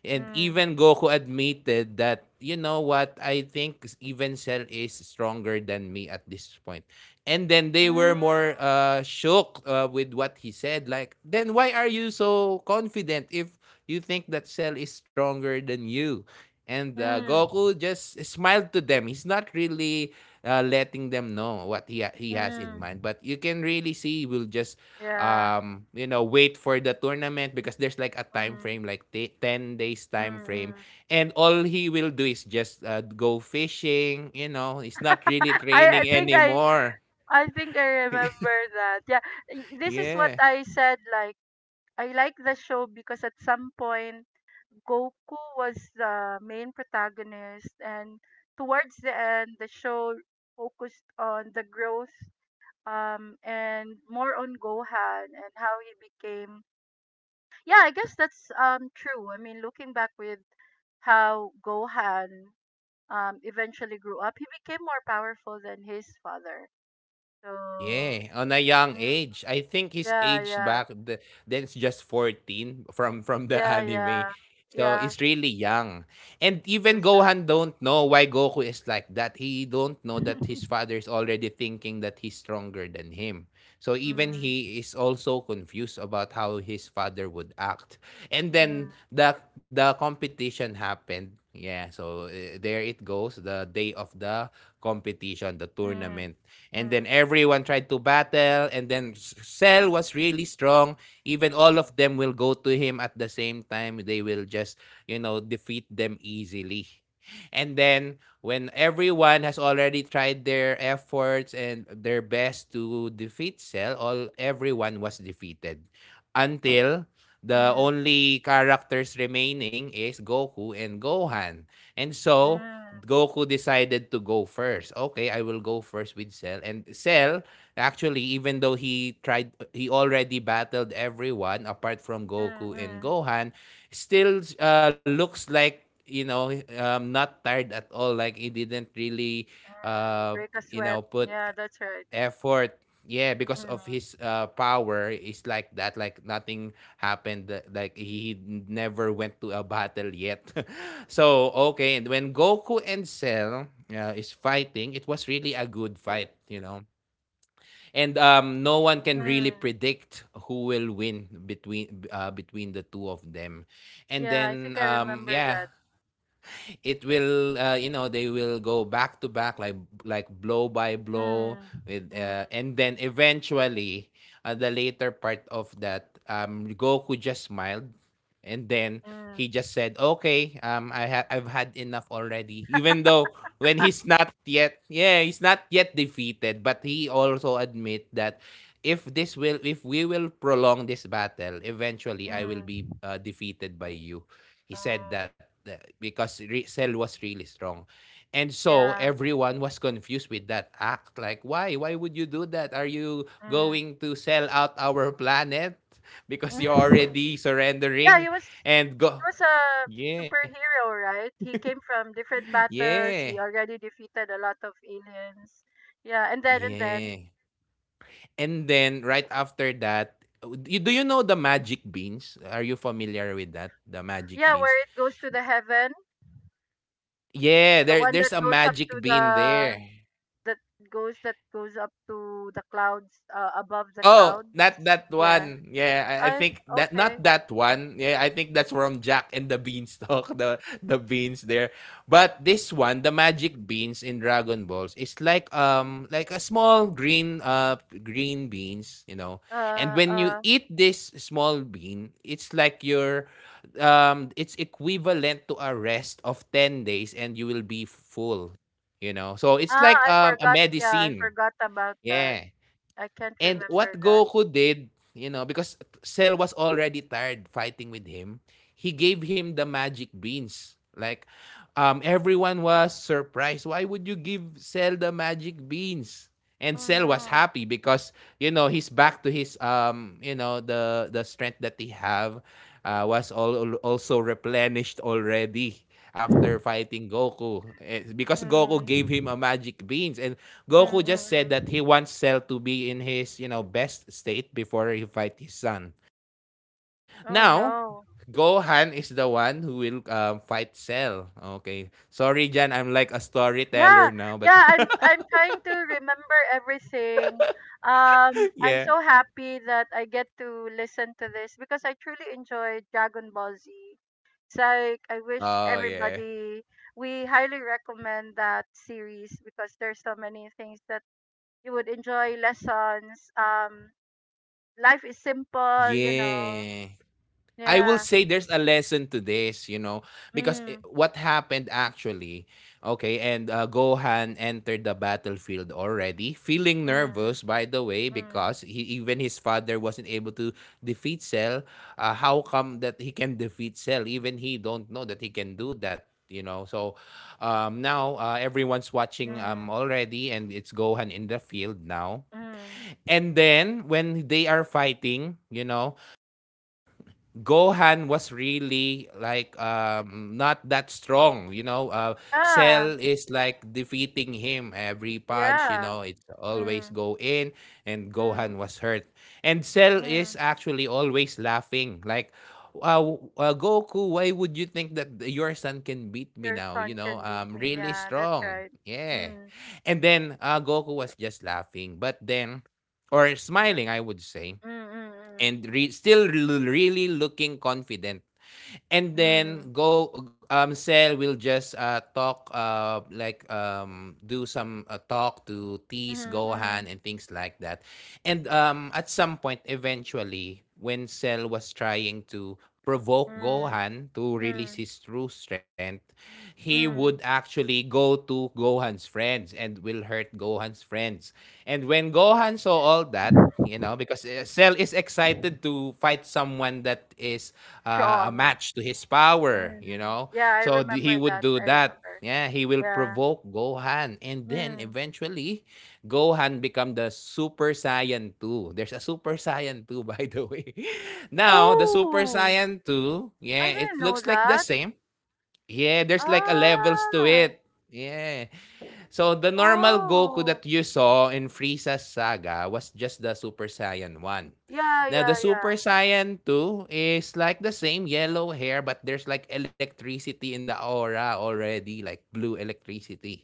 Speaker 2: And
Speaker 1: mm,
Speaker 2: even Goku admitted that, you know what, I think even Cell is stronger than me at this point. And then they were
Speaker 1: mm,
Speaker 2: more shook with what he said. Like, then why are you so confident if you think that Cell is stronger than you? And
Speaker 1: mm,
Speaker 2: Goku just smiled to them. He's not really letting them know what he has in
Speaker 1: mm,
Speaker 2: mind. But you can really see he will just
Speaker 1: yeah.
Speaker 2: you know wait for the tournament because there's like a time
Speaker 1: Mm,
Speaker 2: frame like 10 days
Speaker 1: mm,
Speaker 2: time frame,
Speaker 1: mm.
Speaker 2: and all he will do is just go fishing, you know, he's not really
Speaker 1: *laughs* I, I
Speaker 2: training *laughs*
Speaker 1: think I
Speaker 2: anymore.
Speaker 1: I think I remember that. Yeah, this is what
Speaker 2: Yeah.
Speaker 1: I said. Like, I like the show because at some point Goku was the main protagonist, and towards the end, the show focused on the growth, and more on Gohan and how he became. Yeah, I guess that's true. I mean, looking back with how Gohan eventually grew up, he became more powerful than his father. So,
Speaker 2: Yeah, on a young
Speaker 1: mm,
Speaker 2: age. I think he's
Speaker 1: yeah,
Speaker 2: aged
Speaker 1: yeah,
Speaker 2: back the, then it's just 14 *laughs* from the *laughs*
Speaker 1: yeah,
Speaker 2: anime.
Speaker 1: yeah,
Speaker 2: So
Speaker 1: yeah.
Speaker 2: he's really young. And
Speaker 1: He
Speaker 2: even
Speaker 1: was,
Speaker 2: Gohan don't know why Goku is like that. He don't
Speaker 1: *laughs*
Speaker 2: know that his
Speaker 1: mm,
Speaker 2: father is already thinking that he's stronger than him. So even
Speaker 1: mm,
Speaker 2: he is also confused about how his father would act. And then
Speaker 1: mm,
Speaker 2: the competition happened. Yeah, so there it goes, the day of the competition, the
Speaker 1: mm,
Speaker 2: tournament. And then everyone tried to battle, and then Cell was really strong. Even all of them will go to him at the same time. They will just, you know, defeat them easily. And then when everyone has already tried their efforts and their best to defeat Cell, all everyone was defeated until the
Speaker 1: mm,
Speaker 2: only characters remaining is Goku and Gohan. And
Speaker 1: mm,
Speaker 2: so,
Speaker 1: mm,
Speaker 2: Goku decided to go first. Okay, I will go first with Cell. And Cell, actually, even though he tried, he already battled everyone apart from
Speaker 1: mm,
Speaker 2: Goku and
Speaker 1: mm.
Speaker 2: Gohan, still looks like, you know, not tired at all. Like he didn't really, uh,
Speaker 1: Break a
Speaker 2: you know,
Speaker 1: sweat,
Speaker 2: put
Speaker 1: yeah, that's right.
Speaker 2: effort. Yeah, because of
Speaker 1: Mm,
Speaker 2: his power is like that. Like nothing happened. Like he never went to a battle yet. *laughs* So okay, and when Goku and Cell is fighting, it was really a good fight, you know. And no one can really
Speaker 1: mm.
Speaker 2: predict who will win between between the two of them. And
Speaker 1: Yeah, I
Speaker 2: then
Speaker 1: think I remember that.
Speaker 2: yeah, it will you know they will go back to back like blow by blow
Speaker 1: Mm,
Speaker 2: with
Speaker 1: mm,
Speaker 2: and then eventually at the later part of that Goku just smiled. And then
Speaker 1: mm,
Speaker 2: he just said, "Okay, I've had enough already." Even though when he's not yet, yeah, he's not yet defeated, but he also admit that if this will, if we will prolong this battle, eventually I will
Speaker 1: mm.
Speaker 2: be defeated by you. He said
Speaker 1: Oh,
Speaker 2: that because Cell was really strong. And so
Speaker 1: yeah.
Speaker 2: everyone was confused with that act. Like, why? Why would you do that? Are you
Speaker 1: Mm.
Speaker 2: going to sell out our planet? *laughs* Because you're
Speaker 1: *laughs*
Speaker 2: already
Speaker 1: Yeah,
Speaker 2: surrendering.
Speaker 1: he
Speaker 2: And go
Speaker 1: was a
Speaker 2: Yeah,
Speaker 1: superhero, right? He came from different
Speaker 2: yeah,
Speaker 1: battles. He already defeated a lot of aliens. Yeah, and then
Speaker 2: yeah. And then right after that, do you know the magic beans? Are you familiar with that? The magic
Speaker 1: yeah,
Speaker 2: beans?
Speaker 1: where it goes to the heaven,
Speaker 2: Yeah,
Speaker 1: the
Speaker 2: there
Speaker 1: one that
Speaker 2: there's a
Speaker 1: goes up
Speaker 2: magic
Speaker 1: to
Speaker 2: bean
Speaker 1: the,
Speaker 2: there.
Speaker 1: that that goes up to the clouds, above the
Speaker 2: Oh,
Speaker 1: clouds.
Speaker 2: not that
Speaker 1: Yeah.
Speaker 2: one. Yeah, I
Speaker 1: I
Speaker 2: think that not
Speaker 1: Okay.
Speaker 2: that one. Yeah, I think that's from Jack and the Beanstalk, *laughs* the beans there. But this one, the magic beans in Dragon Balls is like a small green green beans. And
Speaker 1: Uh,
Speaker 2: when you
Speaker 1: uh.
Speaker 2: eat this small bean, it's like your it's equivalent to a rest of 10 days and you will be full. So it's
Speaker 1: Ah,
Speaker 2: like
Speaker 1: I
Speaker 2: a
Speaker 1: forgot. Yeah, I
Speaker 2: medicine.
Speaker 1: forgot about that.
Speaker 2: Yeah.
Speaker 1: I can't
Speaker 2: And what
Speaker 1: remember that.
Speaker 2: Goku did, because Cell was already tired fighting with him, he gave him the magic beans. Like, everyone was surprised. Why would you give Cell the magic beans? And
Speaker 1: Oh
Speaker 2: Cell was
Speaker 1: no.
Speaker 2: happy because he's back to his the strength that he have was also replenished already. After
Speaker 1: *laughs*
Speaker 2: fighting Goku, because Goku
Speaker 1: Mm.
Speaker 2: gave him a magic beans and
Speaker 1: Mm,
Speaker 2: Goku
Speaker 1: mm,
Speaker 2: just said that
Speaker 1: mm.
Speaker 2: he wants Cell to be in his best state before he fight his son.
Speaker 1: Oh
Speaker 2: Now
Speaker 1: no.
Speaker 2: Gohan is the one who will fight Cell. Okay. Sorry, Jan. I'm like a
Speaker 1: Yeah,
Speaker 2: storyteller now. But
Speaker 1: yeah, I'm trying to remember everything.
Speaker 2: *laughs*
Speaker 1: I'm
Speaker 2: yeah.
Speaker 1: so happy that I get to listen to this because I truly enjoy Dragon Ball Z. It's like, I wish
Speaker 2: Oh, yeah.
Speaker 1: everybody, we highly recommend that series because there's so many things that you would enjoy. Lessons, life is simple, you know.
Speaker 2: Yeah. I will
Speaker 1: Yeah.
Speaker 2: say there's a lesson to this, because
Speaker 1: Mm,
Speaker 2: what happened actually, okay, and Gohan entered the battlefield already, feeling
Speaker 1: mm,
Speaker 2: nervous, by the way,
Speaker 1: mm,
Speaker 2: because even his father wasn't able to defeat Cell. How come that he can defeat Cell? Even he don't know that he can do that. So now everyone's watching
Speaker 1: mm,
Speaker 2: already, and it's Gohan in the field now.
Speaker 1: mm.
Speaker 2: And then when they are fighting, Gohan was really like not that strong. Uh,
Speaker 1: Yeah.
Speaker 2: Cell is like defeating him every punch, you
Speaker 1: Yeah.
Speaker 2: know. It's always
Speaker 1: Mm,
Speaker 2: go in, and
Speaker 1: mm,
Speaker 2: Gohan was hurt, and Cell is
Speaker 1: mm.
Speaker 2: actually always laughing, like, Goku, why would you think that your son can beat me
Speaker 1: Your
Speaker 2: now? You
Speaker 1: son
Speaker 2: know,
Speaker 1: can beat
Speaker 2: I'm
Speaker 1: me.
Speaker 2: really
Speaker 1: Yeah, that's
Speaker 2: strong.
Speaker 1: right.
Speaker 2: Yeah.
Speaker 1: Mm,
Speaker 2: And then Goku was just laughing, but then, or smiling, I would say,
Speaker 1: mm, mm,
Speaker 2: and still really looking confident. And
Speaker 1: mm,
Speaker 2: then go Sel will just talk like do some talk to
Speaker 1: mm,
Speaker 2: tease Gohan
Speaker 1: mm,
Speaker 2: and things like that. And at some point eventually when Cell was trying to
Speaker 1: mm,
Speaker 2: provoke
Speaker 1: mm,
Speaker 2: Gohan to release
Speaker 1: mm,
Speaker 2: his true strength, he would
Speaker 1: mm.
Speaker 2: actually go to Gohan's friends and will hurt Gohan's friends. And when Gohan saw all that, because Cell is excited to fight someone that is a
Speaker 1: Strong.
Speaker 2: match to his power
Speaker 1: Mm.
Speaker 2: you know
Speaker 1: Yeah, I
Speaker 2: So
Speaker 1: remember
Speaker 2: he would
Speaker 1: that.
Speaker 2: do
Speaker 1: I
Speaker 2: that,
Speaker 1: remember.
Speaker 2: yeah, he will
Speaker 1: Yeah.
Speaker 2: provoke Gohan, and then
Speaker 1: Mm.
Speaker 2: eventually Gohan become the Super Saiyan two. There's a Super Saiyan two, *laughs* by the way. *laughs* Now the Super
Speaker 1: Oh,
Speaker 2: Saiyan two,
Speaker 1: I
Speaker 2: yeah,
Speaker 1: didn't
Speaker 2: it
Speaker 1: know
Speaker 2: looks like the
Speaker 1: that.
Speaker 2: same. Yeah, there's like a levels to
Speaker 1: Ah.
Speaker 2: it. Yeah. So the normal Goku
Speaker 1: Oh.
Speaker 2: that you saw in Frieza's saga was just the Super Saiyan 1.
Speaker 1: Yeah,
Speaker 2: Now the
Speaker 1: yeah, yeah.
Speaker 2: Super Saiyan 2 is like the same yellow hair, but there's like electricity in the aura already, like blue electricity.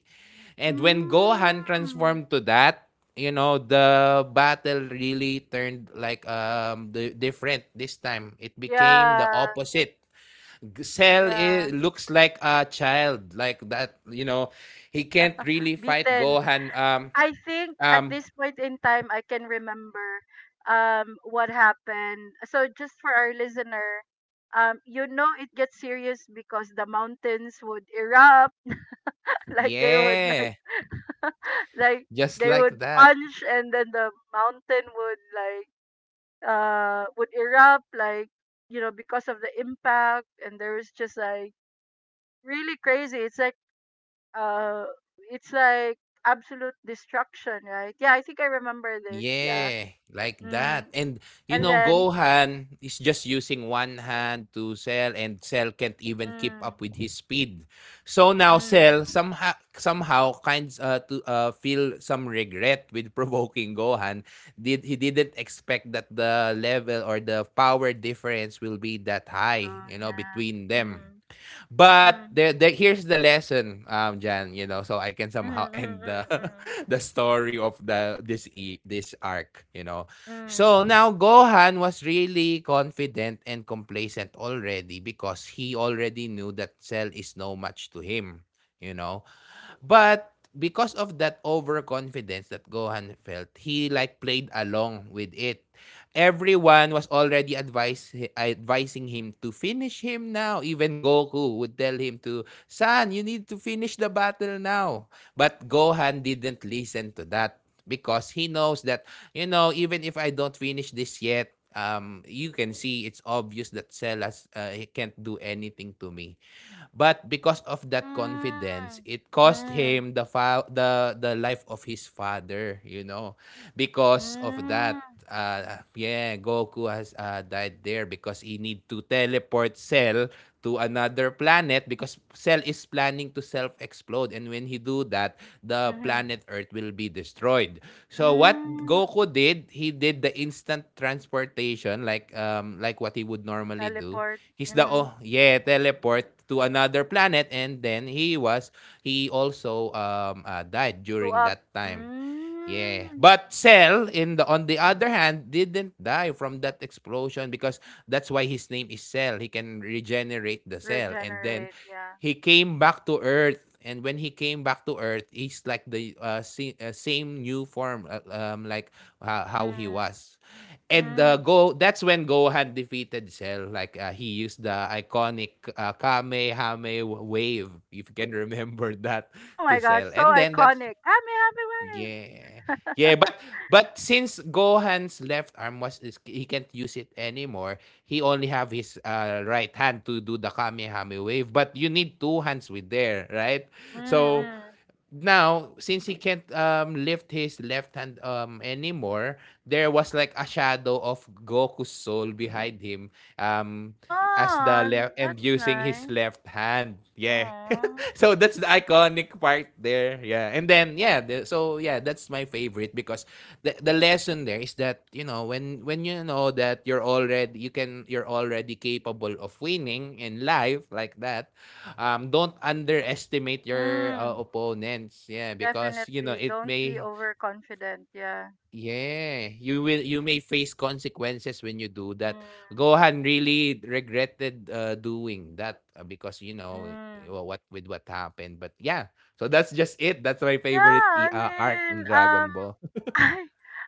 Speaker 2: And when Gohan
Speaker 1: Mm.
Speaker 2: transformed to that, the battle really turned like the different this time. It became the
Speaker 1: Yeah,
Speaker 2: opposite. Cell
Speaker 1: yeah.
Speaker 2: I looks like a child, like that, he can't really fight
Speaker 1: Beaten.
Speaker 2: Gohan.
Speaker 1: I think at
Speaker 2: Um,
Speaker 1: this point in time, I can remember what happened. So just for our listener, you know, it gets serious because the mountains would erupt. *laughs* Like, they would,
Speaker 2: yeah,
Speaker 1: like, *laughs* like,
Speaker 2: just
Speaker 1: they
Speaker 2: like
Speaker 1: would
Speaker 2: that.
Speaker 1: punch, and then the mountain would, like, would erupt, like, you know, because of the impact, and there was just like really crazy. It's like, uh it's like absolute destruction, right? Yeah, I think I remember this, yeah.
Speaker 2: Yeah, like
Speaker 1: Mm.
Speaker 2: that. And you
Speaker 1: And
Speaker 2: know,
Speaker 1: then
Speaker 2: Gohan is just using one hand to Cell, and Cell can't even keep
Speaker 1: mm,
Speaker 2: up with his speed. So now Cell
Speaker 1: mm.
Speaker 2: somehow kinds to feel some regret with *laughs* provoking Gohan. Did he didn't expect that the level or the power difference will be that
Speaker 1: So
Speaker 2: high,
Speaker 1: yeah.
Speaker 2: between them.
Speaker 1: Mm.
Speaker 2: But
Speaker 1: Mm.
Speaker 2: here's the lesson, Jan. So I can somehow
Speaker 1: Mm,
Speaker 2: end the
Speaker 1: mm,
Speaker 2: *laughs* the story of the this arc. You know,
Speaker 1: mm,
Speaker 2: so
Speaker 1: mm,
Speaker 2: now Gohan was really confident and complacent already because he already knew that Cell is no match to him. You know, But because of that overconfidence that Gohan felt, he like played along with it. Everyone was already advising him to finish him now. Even Goku would tell him to, "Son, you need to finish the battle now." But Gohan didn't listen to that. Because he knows that, even if I don't finish this yet, you can see it's obvious that Celas he can't do anything to me. But because of that
Speaker 1: mm.
Speaker 2: confidence, it cost him the fa- the life of his father.
Speaker 1: Mm,
Speaker 2: Because of
Speaker 1: mm, mm,
Speaker 2: that, yeah, Goku has died there because he need to teleport Cell to another planet because Cell is planning to self-explode, and when he do that, the
Speaker 1: mhm,
Speaker 2: planet Earth will be destroyed. So what
Speaker 1: mm.
Speaker 2: Goku did, he did the instant transportation like what he would normally do.
Speaker 1: Teleport.
Speaker 2: He's the
Speaker 1: Mm-hmm.
Speaker 2: Oh yeah, teleport to another planet, and then he also died
Speaker 1: Blew
Speaker 2: during
Speaker 1: up.
Speaker 2: that time. Yeah.
Speaker 1: Mm.
Speaker 2: But Cell, in the on the other hand, didn't die from that explosion, because that's why his name is Cell. He can regenerate the cell, and then
Speaker 1: Regenerate. Yeah.
Speaker 2: he came back to earth. And when he came back to earth, he's like the same new form, like how he
Speaker 1: Mm.
Speaker 2: was. and uh,
Speaker 1: Mm.
Speaker 2: go that's when Gohan defeated Cell. Like, he used the iconic Kamehame wave, if you can *laughs* remember that,
Speaker 1: Oh my
Speaker 2: to
Speaker 1: gosh,
Speaker 2: Cell,
Speaker 1: so
Speaker 2: and then that's...
Speaker 1: iconic. Happy, happy wave.
Speaker 2: Yeah. Yeah, but since Gohan's left arm he can't use it anymore, he only have his right hand to do the Kamehameha wave, but you need two hands with there, right? So
Speaker 1: Mm-mm.
Speaker 2: now since he can't lift his left hand anymore, there was like a shadow of Goku's soul behind him, um as
Speaker 1: Oh,
Speaker 2: the left
Speaker 1: that's
Speaker 2: and using his
Speaker 1: nice.
Speaker 2: left hand, yeah.
Speaker 1: Oh.
Speaker 2: *laughs* So that's the iconic part there, yeah. And then, yeah, so yeah, that's my favorite because the lesson there is that, when you know that you're already you can you're already capable of winning in life, like that. Don't underestimate your
Speaker 1: Mm,
Speaker 2: opponents, yeah, because you know,
Speaker 1: definitely.
Speaker 2: it
Speaker 1: Don't be
Speaker 2: may...
Speaker 1: overconfident. Yeah.
Speaker 2: yeah, you may face consequences when you do that.
Speaker 1: Mm,
Speaker 2: Gohan really regretted doing that, because you know, well,
Speaker 1: mm.
Speaker 2: what with what happened, but yeah. So that's just it, that's my
Speaker 1: Yeah,
Speaker 2: favorite
Speaker 1: I
Speaker 2: arc in
Speaker 1: mean,
Speaker 2: Dragon Ball.
Speaker 1: *laughs* I,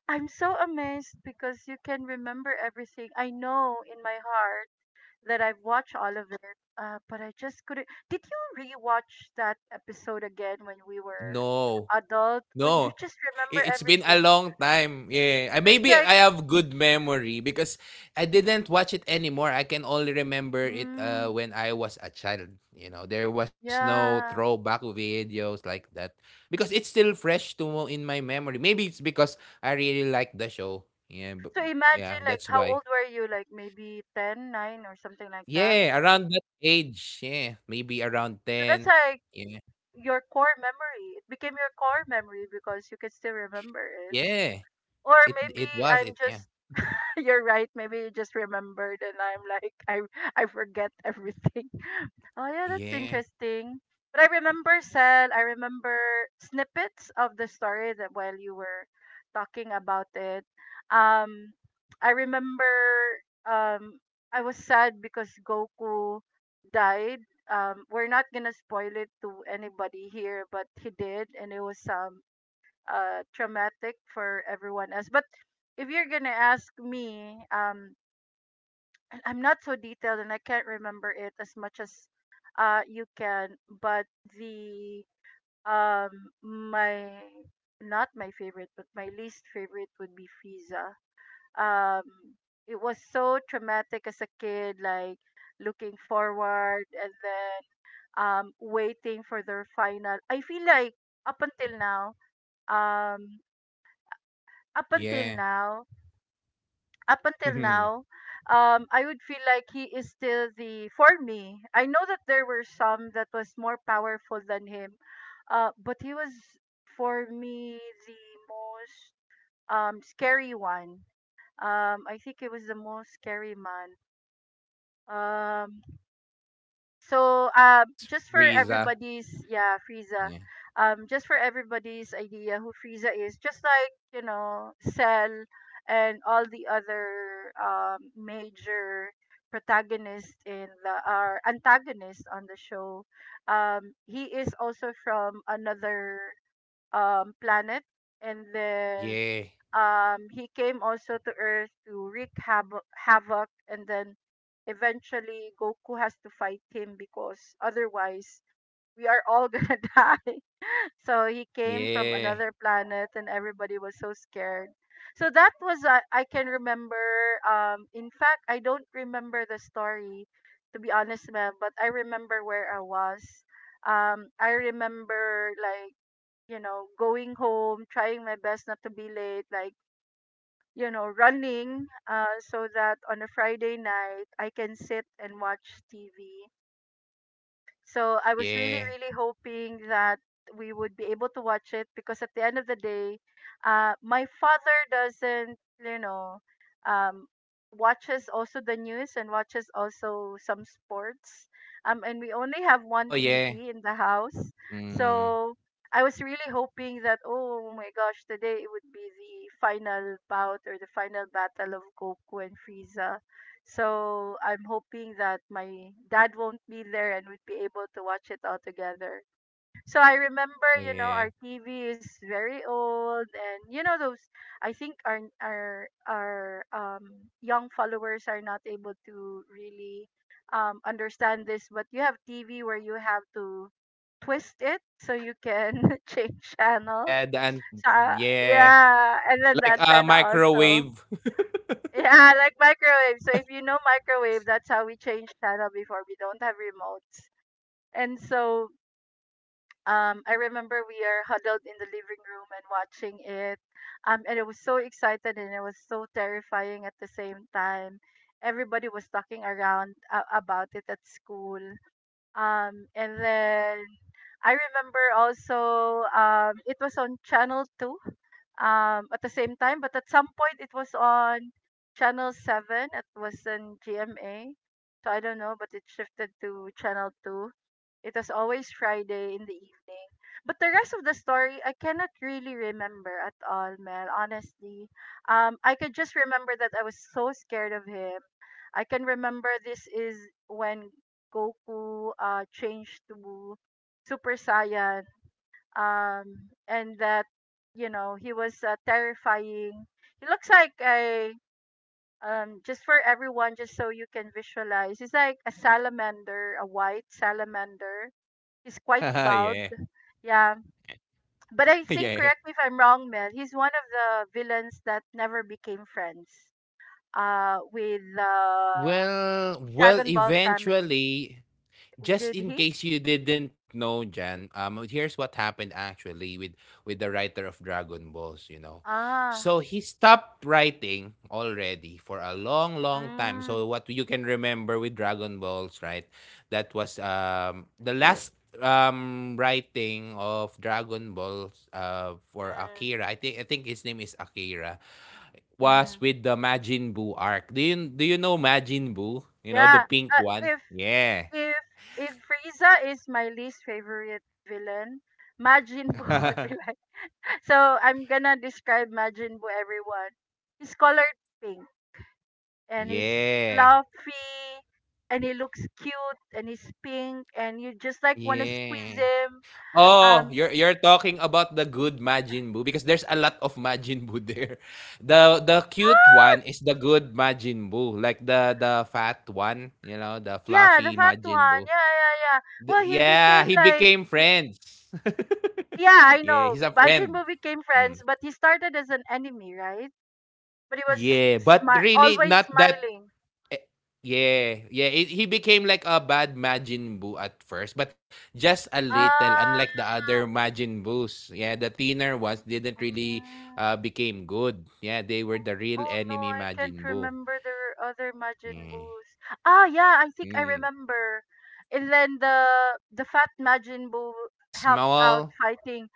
Speaker 1: I'm so amazed because you can remember everything. I know in my heart that I've watched all of it, but I just couldn't. Did you rewatch that episode again when we were
Speaker 2: No.
Speaker 1: adult? Or you
Speaker 2: No.
Speaker 1: just remember
Speaker 2: It's been a
Speaker 1: everything?
Speaker 2: long time. Yeah.
Speaker 1: So it's
Speaker 2: Maybe
Speaker 1: like,
Speaker 2: I have good memory because I didn't watch it anymore. I can only remember it
Speaker 1: mm,
Speaker 2: when I was a child. There was no
Speaker 1: yeah.
Speaker 2: throwback videos like that because it's still fresh to in my memory. Maybe it's because I really like the show. Yeah. But,
Speaker 1: So
Speaker 2: yeah.
Speaker 1: imagine,
Speaker 2: That's
Speaker 1: like, how
Speaker 2: why.
Speaker 1: old were you? Like, maybe 10, 9, or something like that.
Speaker 2: Yeah. Around that age. Yeah. Maybe around
Speaker 1: So that's
Speaker 2: 10.
Speaker 1: like
Speaker 2: Yeah.
Speaker 1: your core memory. It became your core memory because you can still remember it.
Speaker 2: Yeah.
Speaker 1: Or
Speaker 2: It,
Speaker 1: maybe
Speaker 2: it was.
Speaker 1: I'm
Speaker 2: It, yeah.
Speaker 1: just *laughs* you're right. Maybe you just remembered, and I'm like, *laughs* I forget everything. *laughs* Oh yeah, that's
Speaker 2: Yeah.
Speaker 1: interesting. But I remember, Sel. I remember snippets of the story that while you were talking about it. Um, I remember. Um, I was sad because Goku died. We're not gonna spoil it to anybody here, but he did, and it was, traumatic for everyone else. But if you're gonna ask me, *clears throat* and I'm not so detailed and I can't remember it as much as, you can. But the um, my not my favorite, but my least favorite would be Frieza. Um, it was so traumatic as a kid, like looking forward, and then waiting for their final. I feel like up until now, um, up until
Speaker 2: Yeah.
Speaker 1: now, up until now,
Speaker 2: *laughs*
Speaker 1: I would feel like he is still the for me. I know that there were some that was more powerful than him, but he was for me the most scary one. I think he was the most scary man. Um, so,
Speaker 2: It's
Speaker 1: just for
Speaker 2: Frieza.
Speaker 1: everybody's, yeah, Frieza.
Speaker 2: Yeah.
Speaker 1: Just for everybody's idea who Frieza is, just like, you know, Cell and all the other major protagonists in the or antagonists on the show. He is also from another planet, and then
Speaker 2: Yeah.
Speaker 1: he came also to Earth to wreak havoc, and then eventually Goku has to fight him because otherwise we are all *laughs* gonna die. So he came from
Speaker 2: Yeah.
Speaker 1: another planet, and everybody was so scared. So that was, I can remember. In fact, I don't remember the story, to be honest, ma'am. But I remember where I was. I remember, like, you know, going home, trying my best not to be late, like, you know, running, so that on a Friday night I can sit and watch TV. So I was really,
Speaker 2: Yeah.
Speaker 1: really hoping that we would be able to watch it because at the end of the day, my father doesn't, you know, um, watches also the news and watches also some sports. And we only have
Speaker 2: Oh,
Speaker 1: one
Speaker 2: yeah.
Speaker 1: TV in the house.
Speaker 2: Mm.
Speaker 1: So I was really hoping that, oh my gosh, today it would be the final bout or the final battle of Goku and Frieza. So I'm hoping that my dad won't be there and we'd be able to watch it all together. So I remember,
Speaker 2: Oh,
Speaker 1: you know,
Speaker 2: yeah.
Speaker 1: our TV is very old, and you know those I think our young followers are not able to really understand this, but you have TV where you have to twist it so you can *laughs* change channel.
Speaker 2: Yeah, the an
Speaker 1: So,
Speaker 2: yeah.
Speaker 1: yeah, and then the
Speaker 2: Like a
Speaker 1: antenna also.
Speaker 2: microwave. *laughs*
Speaker 1: Yeah, like microwave. So if you know microwave, that's how we change channel before. We don't have remotes. And so I remember we are huddled in the living room and watching it. And it was so excited and it was so terrifying at the same time. Everybody was talking around about it at school. And then I remember also it was on channel 2 at the same time, but at some point it was on channel 7. It was in gma, so I don't know, but it shifted to channel 2. It was always Friday in the evening, but the rest of the story I cannot really remember at all, Mel. Honestly, I could just remember that I was so scared of him. I can remember this is when Goku changed to Super Saiyan. And that, you know, he was terrifying. He looks like a just for everyone, just so you can visualize, he's like a salamander, a white salamander. He's quite bald.
Speaker 2: Yeah.
Speaker 1: Yeah, but I think,
Speaker 2: Yeah.
Speaker 1: correct me if I'm wrong, Mel, he's one of the villains that never became friends with
Speaker 2: Well, well,
Speaker 1: Dragon Ball family.
Speaker 2: eventually, just
Speaker 1: Did
Speaker 2: in
Speaker 1: he?
Speaker 2: case you didn't know, Jan, here's what happened actually with the writer of Dragon Balls. You know,
Speaker 1: Ah.
Speaker 2: so he stopped writing already for a long, long time.
Speaker 1: mm,
Speaker 2: So what you can remember with Dragon Balls, right? That was the last writing of Dragon Balls for
Speaker 1: mm,
Speaker 2: Akira. I think his name is Akira. Was
Speaker 1: mm.
Speaker 2: with the Majin Buu arc. Do you know Majin Buu? You know, the
Speaker 1: Yeah.
Speaker 2: pink
Speaker 1: uh,
Speaker 2: one.
Speaker 1: if
Speaker 2: Yeah.
Speaker 1: If if Frieza is my least favorite villain, Majin Buu *laughs* would be
Speaker 2: *laughs*
Speaker 1: like. So I'm gonna describe Majin Buu. Everyone, he's colored pink, and he's
Speaker 2: Yeah,
Speaker 1: fluffy, and he looks cute, and he's pink, and you just like wanna squeeze
Speaker 2: yeah.
Speaker 1: him.
Speaker 2: Oh,
Speaker 1: Um,
Speaker 2: you're talking about the good Majin Buu because there's a lot of Majin Buu there. *laughs* The cute
Speaker 1: ah,
Speaker 2: one is the good Majin Buu, like the fat one, the
Speaker 1: yeah, the
Speaker 2: fluffy
Speaker 1: fat
Speaker 2: Majin
Speaker 1: one. Yeah,
Speaker 2: Buu.
Speaker 1: yeah, yeah.
Speaker 2: The
Speaker 1: Well, he
Speaker 2: Yeah, he
Speaker 1: became
Speaker 2: became
Speaker 1: like, y-
Speaker 2: friends. *laughs*
Speaker 1: yeah, I
Speaker 2: Yeah, he's
Speaker 1: know.
Speaker 2: a friend.
Speaker 1: Majin Buu became
Speaker 2: Mm.
Speaker 1: friends, but he started as an enemy, right? But he was
Speaker 2: Yeah, but really
Speaker 1: always
Speaker 2: not that.
Speaker 1: smiling.
Speaker 2: Eh, Yeah, yeah. He became like a bad Majin Buu at first, but just a little, unlike the other
Speaker 1: Ah,
Speaker 2: Majin Boos. Yeah, the thinner ones didn't really
Speaker 1: ah.
Speaker 2: became good. Yeah, they were the real
Speaker 1: Oh no,
Speaker 2: enemy
Speaker 1: I can't
Speaker 2: Majin Buu.
Speaker 1: remember the other Majin
Speaker 2: Yeah.
Speaker 1: Boos. Ah, yeah, I think I
Speaker 2: Mm.
Speaker 1: remember. And then the fat Majin Buu
Speaker 2: There's a
Speaker 1: helped out
Speaker 2: small,
Speaker 1: fighting.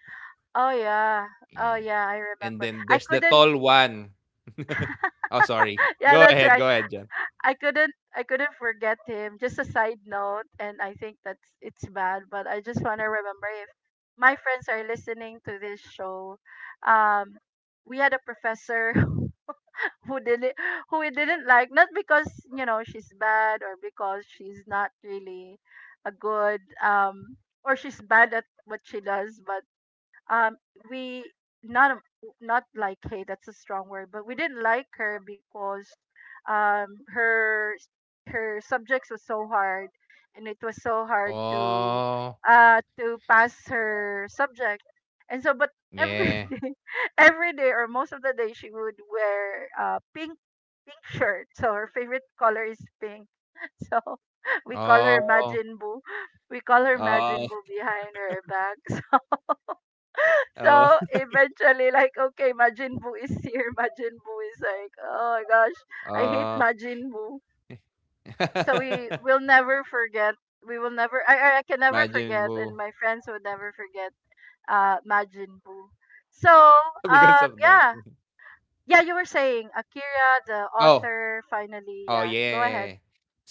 Speaker 1: Oh yeah, oh
Speaker 2: yeah,
Speaker 1: yeah, I
Speaker 2: and
Speaker 1: remember.
Speaker 2: then
Speaker 1: I
Speaker 2: there's the
Speaker 1: couldn't.
Speaker 2: tall one. *laughs* Oh, sorry.
Speaker 1: *laughs* Yeah, that's right.
Speaker 2: Go ahead, John.
Speaker 1: I couldn't forget him. Just a side note, and I think that's it's bad, but I just want to remember, if my friends are listening to this show, um, we had a professor who didn't, who we didn't like, not because, you know, she's bad or because she's not really a good or she's bad at what she does, but um we not, not like, hey, that's a strong word, but we didn't like her because her her subjects was so hard, and it was so hard
Speaker 2: Oh,
Speaker 1: to pass her subject. And so, but every
Speaker 2: yeah.
Speaker 1: *laughs* day, every day, or most of the day, she would wear pink, pink shirt, so her favorite color is pink. *laughs* So we call her
Speaker 2: Oh,
Speaker 1: Majin Buu. We call her
Speaker 2: oh,
Speaker 1: Majin Buu behind her back. *laughs*
Speaker 2: oh,
Speaker 1: So eventually, like, okay, Majin Buu is here. *laughs* Majin Buu is like, oh my gosh,
Speaker 2: *laughs*
Speaker 1: I hate
Speaker 2: oh.
Speaker 1: Majin Buu. So we
Speaker 2: *laughs*
Speaker 1: will never forget. We will never. I can never
Speaker 2: Majin
Speaker 1: forget, and
Speaker 2: Buu
Speaker 1: my friends would never forget. Majin Buu. So
Speaker 2: *laughs* because of that.
Speaker 1: yeah,
Speaker 2: Mhm.
Speaker 1: yeah. You were saying Akira, the
Speaker 2: Oh,
Speaker 1: author. Finally,
Speaker 2: oh
Speaker 1: yeah. Go ahead.
Speaker 2: yeah.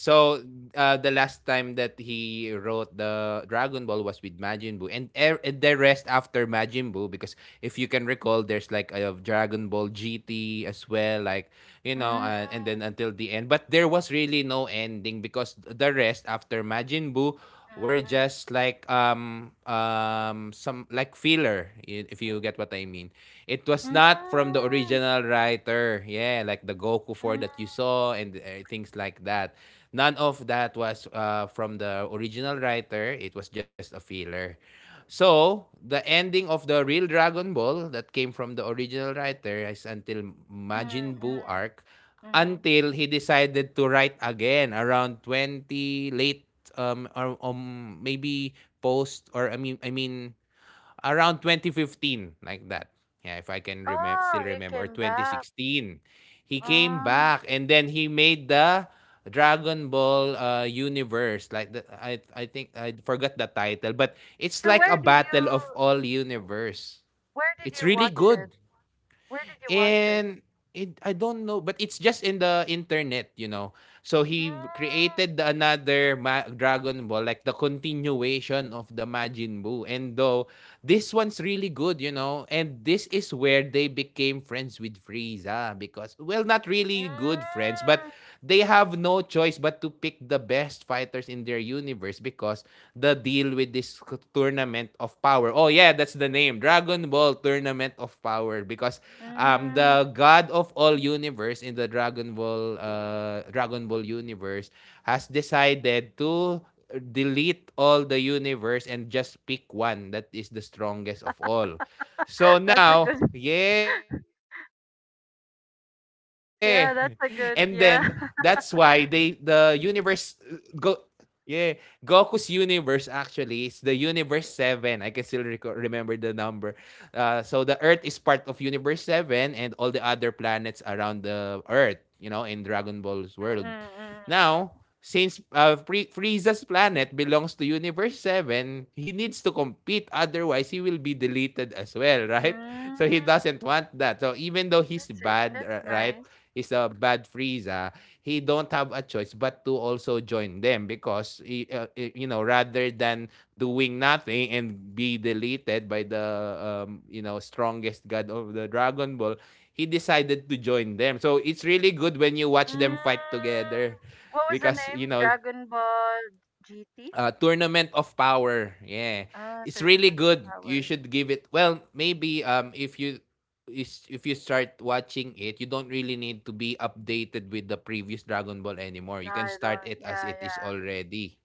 Speaker 2: So, the last time that he wrote the Dragon Ball was with Majin Buu, and and the rest after Majin Buu. Because if you can recall, there's like a Dragon Ball GT as well, like you know,
Speaker 1: Mm,
Speaker 2: and then until the end. But there was really no ending because the rest after Majin Buu were
Speaker 1: mm, mm,
Speaker 2: just like some like filler if you get what I mean. It was not from the
Speaker 1: mm,
Speaker 2: original writer. Yeah, like the Goku four
Speaker 1: mm,
Speaker 2: that you saw and things like that. None of that was from the original writer. It was just a filler. So, the ending of the real Dragon Ball that came from the original writer is until
Speaker 1: mm,
Speaker 2: Majin Buu
Speaker 1: mm,
Speaker 2: arc,
Speaker 1: mm.
Speaker 2: until he decided to write again around 20 late or maybe post, or I mean around 2015, like that. Yeah, if I can remember,
Speaker 1: Oh,
Speaker 2: still
Speaker 1: he came
Speaker 2: remember, or
Speaker 1: back.
Speaker 2: 2016, he came
Speaker 1: Oh.
Speaker 2: back and then he made the Dragon Ball universe. Like the, I think I forgot the title, but it's
Speaker 1: So
Speaker 2: like a battle of all universe.
Speaker 1: where did
Speaker 2: It's
Speaker 1: you
Speaker 2: really
Speaker 1: watch it?
Speaker 2: good.
Speaker 1: Where did you watch it?
Speaker 2: And it, I don't know, but it's just in the internet, you know. So he created another Dragon Ball, like the continuation of the Majin Buu. And though this one's really good, you know, and this is where they became friends with Frieza because, well, not really good friends, but they have no choice but to pick the best fighters in their universe because the deal with this Tournament of Power. Oh yeah, that's the name. Dragon Ball Tournament of Power because
Speaker 1: Mm, mm,
Speaker 2: the
Speaker 1: mm.
Speaker 2: god of all universe in the Dragon Ball Dragon Ball universe has decided to delete all the universe and just pick one that is the strongest of all. So
Speaker 1: *laughs* That's a good
Speaker 2: now, yeah. *laughs* And then that's why they
Speaker 1: yeah, that's a
Speaker 2: the
Speaker 1: good yeah. *laughs*
Speaker 2: universe uh, go Yeah, Goku's universe actually is the universe 7. I can still remember the number. Uh, so the earth is part of universe 7 and all the other planets around the earth, you know, in Dragon Ball's world.
Speaker 1: Mm, mm, mm,
Speaker 2: Now, since Frieza's planet belongs to universe 7, he needs to compete, otherwise he will be deleted as well, *laughs*
Speaker 1: mm.
Speaker 2: right?
Speaker 1: Mm.
Speaker 2: So he doesn't want that. So even though he's
Speaker 1: That's it.
Speaker 2: bad,
Speaker 1: That's
Speaker 2: right?
Speaker 1: nice.
Speaker 2: Is a bad Frieza, he don't have a choice but to also join them because he, you know, rather than doing nothing and be deleted by the you know, strongest god of the Dragon Ball, he decided to join them. So it's really good when you watch
Speaker 1: Mm.
Speaker 2: them fight together
Speaker 1: What was the
Speaker 2: because
Speaker 1: name?
Speaker 2: you know
Speaker 1: Dragon Ball GT?
Speaker 2: Tournament of Power. Yeah.
Speaker 1: Ah,
Speaker 2: It's really
Speaker 1: Tournament of
Speaker 2: good. You
Speaker 1: Power.
Speaker 2: should give it. Well, maybe if you is if you start watching it, you don't really need to be updated with the previous Dragon Ball anymore.
Speaker 1: No,
Speaker 2: You can
Speaker 1: I
Speaker 2: start
Speaker 1: don't.
Speaker 2: it as
Speaker 1: Yeah,
Speaker 2: it is
Speaker 1: yeah.
Speaker 2: already.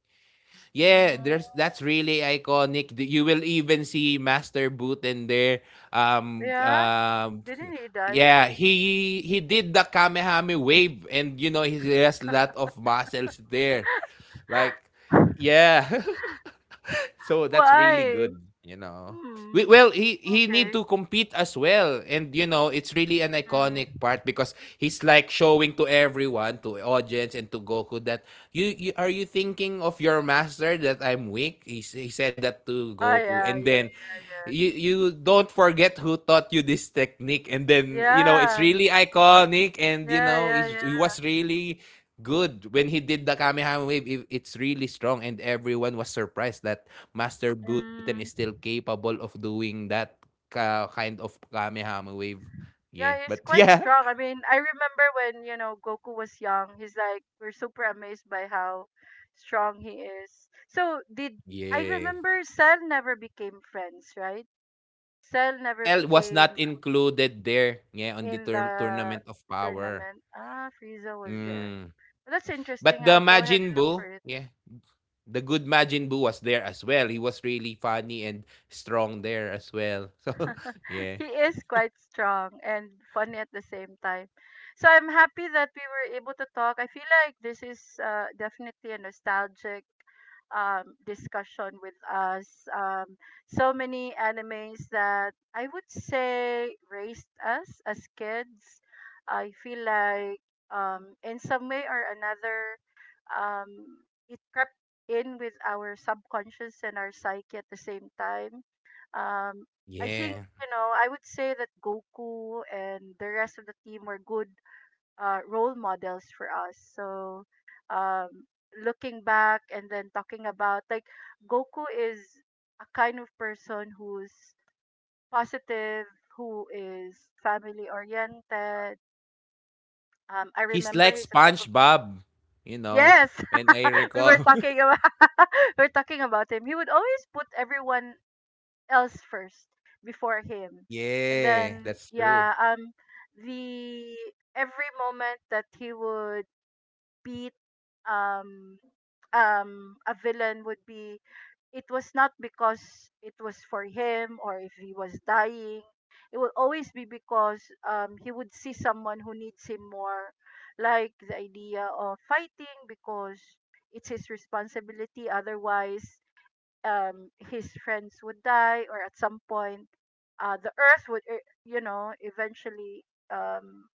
Speaker 2: Yeah, there's
Speaker 1: Mm.
Speaker 2: that's really iconic. You will even see Master Boot in there. Um
Speaker 1: Yeah?
Speaker 2: um
Speaker 1: Didn't he die?
Speaker 2: yeah, he did the Kamehame wave and you know he has a lot of muscles there. Like yeah. *laughs* So that's really
Speaker 1: Why?
Speaker 2: good, you know. We,
Speaker 1: Hmm.
Speaker 2: well, he need
Speaker 1: Okay.
Speaker 2: to compete as well, and you know it's really an iconic
Speaker 1: Mm.
Speaker 2: part because he's like showing to everyone, to audience, and to Goku that you are you thinking of your master that I'm weak. He said that to
Speaker 1: Ah,
Speaker 2: Goku,
Speaker 1: yeah,
Speaker 2: and
Speaker 1: yeah,
Speaker 2: then you don't forget who taught you this technique, and
Speaker 1: yeah,
Speaker 2: then you know it's
Speaker 1: yeah,
Speaker 2: really iconic, and you
Speaker 1: yeah,
Speaker 2: know
Speaker 1: yeah,
Speaker 2: he
Speaker 1: yeah.
Speaker 2: was really good when he did the Kamehameha wave. It's really strong, and everyone was surprised that Master Buten is still
Speaker 1: Mm.
Speaker 2: capable of doing that ka kind of Kamehameha wave.
Speaker 1: Yeah,
Speaker 2: Yeah.
Speaker 1: he's
Speaker 2: But *laughs*
Speaker 1: quite
Speaker 2: yeah.
Speaker 1: strong. I mean, I remember when, you know, Goku was young. He's like, we're super amazed by how strong he is. So did I
Speaker 2: Yeah.
Speaker 1: remember Cell never became friends, right? Cell never
Speaker 2: Cell was not
Speaker 1: became
Speaker 2: included there, yeah, on the
Speaker 1: in the
Speaker 2: tournament of power.
Speaker 1: tournament. Ah, Frieza was there.
Speaker 2: Mm.
Speaker 1: That's
Speaker 2: But
Speaker 1: interesting.
Speaker 2: the
Speaker 1: I'll go ahead and
Speaker 2: Majin
Speaker 1: look
Speaker 2: Buu,
Speaker 1: for it.
Speaker 2: yeah, the good Majin Buu was there as well. He was really funny and strong there as well. *laughs* So,
Speaker 1: *laughs*
Speaker 2: yeah.
Speaker 1: He is quite strong and funny at the same time. So I'm happy that we were able to talk. I feel like this is definitely a nostalgic discussion with us. Um, so many animes that I would say raised us as kids. I feel like in some way or another, um, it crept in with our subconscious and our psyche at the same time. Um, I think,
Speaker 2: Yeah.
Speaker 1: you know, I would say that Goku and the rest of the team were good role models for us. So, um, looking back and then talking about, like, Goku is a kind of person who's positive, who is family oriented. I
Speaker 2: He's
Speaker 1: remember
Speaker 2: like
Speaker 1: he's a type of
Speaker 2: SpongeBob, you know,
Speaker 1: yes.
Speaker 2: when I
Speaker 1: *laughs* we were
Speaker 2: recall.
Speaker 1: talking about *laughs* we we're talking about him. He would always put everyone else first before
Speaker 2: *laughs*
Speaker 1: him. And
Speaker 2: yeah,
Speaker 1: then
Speaker 2: that's true.
Speaker 1: yeah, the every moment that he would beat um um a villain would be it was not because it was for him or if he was dying. It will always be because he would see someone who needs him more. Like the idea of fighting because it's his responsibility, otherwise his friends would die, or at some point the earth would you know, eventually um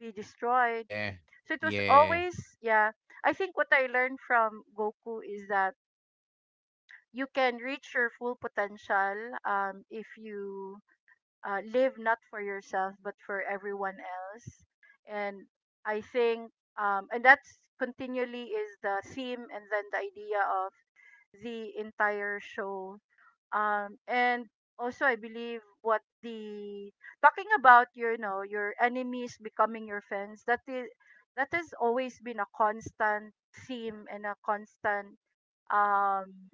Speaker 1: be destroyed.
Speaker 2: Yeah.
Speaker 1: So it was
Speaker 2: Yeah.
Speaker 1: always, yeah, I think what I learned from Goku is that you can reach your full potential if you live not for yourself but for everyone else. And I think, and that's continually is the theme, and then the idea of the entire show. And also I believe what the talking about your, you know, your enemies becoming your friends, that is, that has always been a constant theme and a constant um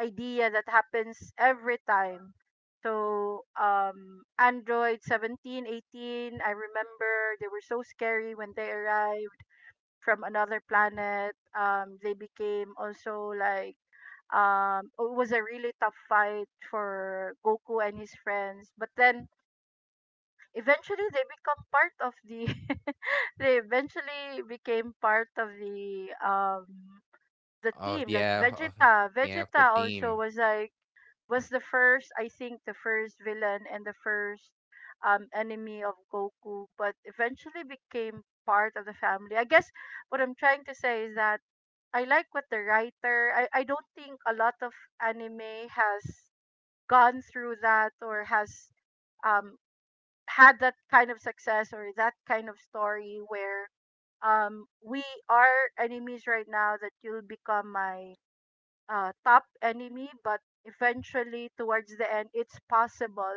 Speaker 1: idea that happens every time. So android 17, 18. I remember they were so scary when they arrived from another planet. They became also like it was a really tough fight for Goku and his friends, but then eventually they become part of the *laughs* they eventually became part of the
Speaker 2: Oh,
Speaker 1: team. Like
Speaker 2: yeah, yeah, the
Speaker 1: Vegeta also
Speaker 2: theme.
Speaker 1: was like was the first, I think the first villain and the first enemy of Goku, but eventually became part of the family. I guess what I'm trying to say is that I like what the writer. I don't think a lot of anime has gone through that or has um had that kind of success or that kind of story where we are enemies right now, that you'll become my top enemy, but eventually towards the end it's possible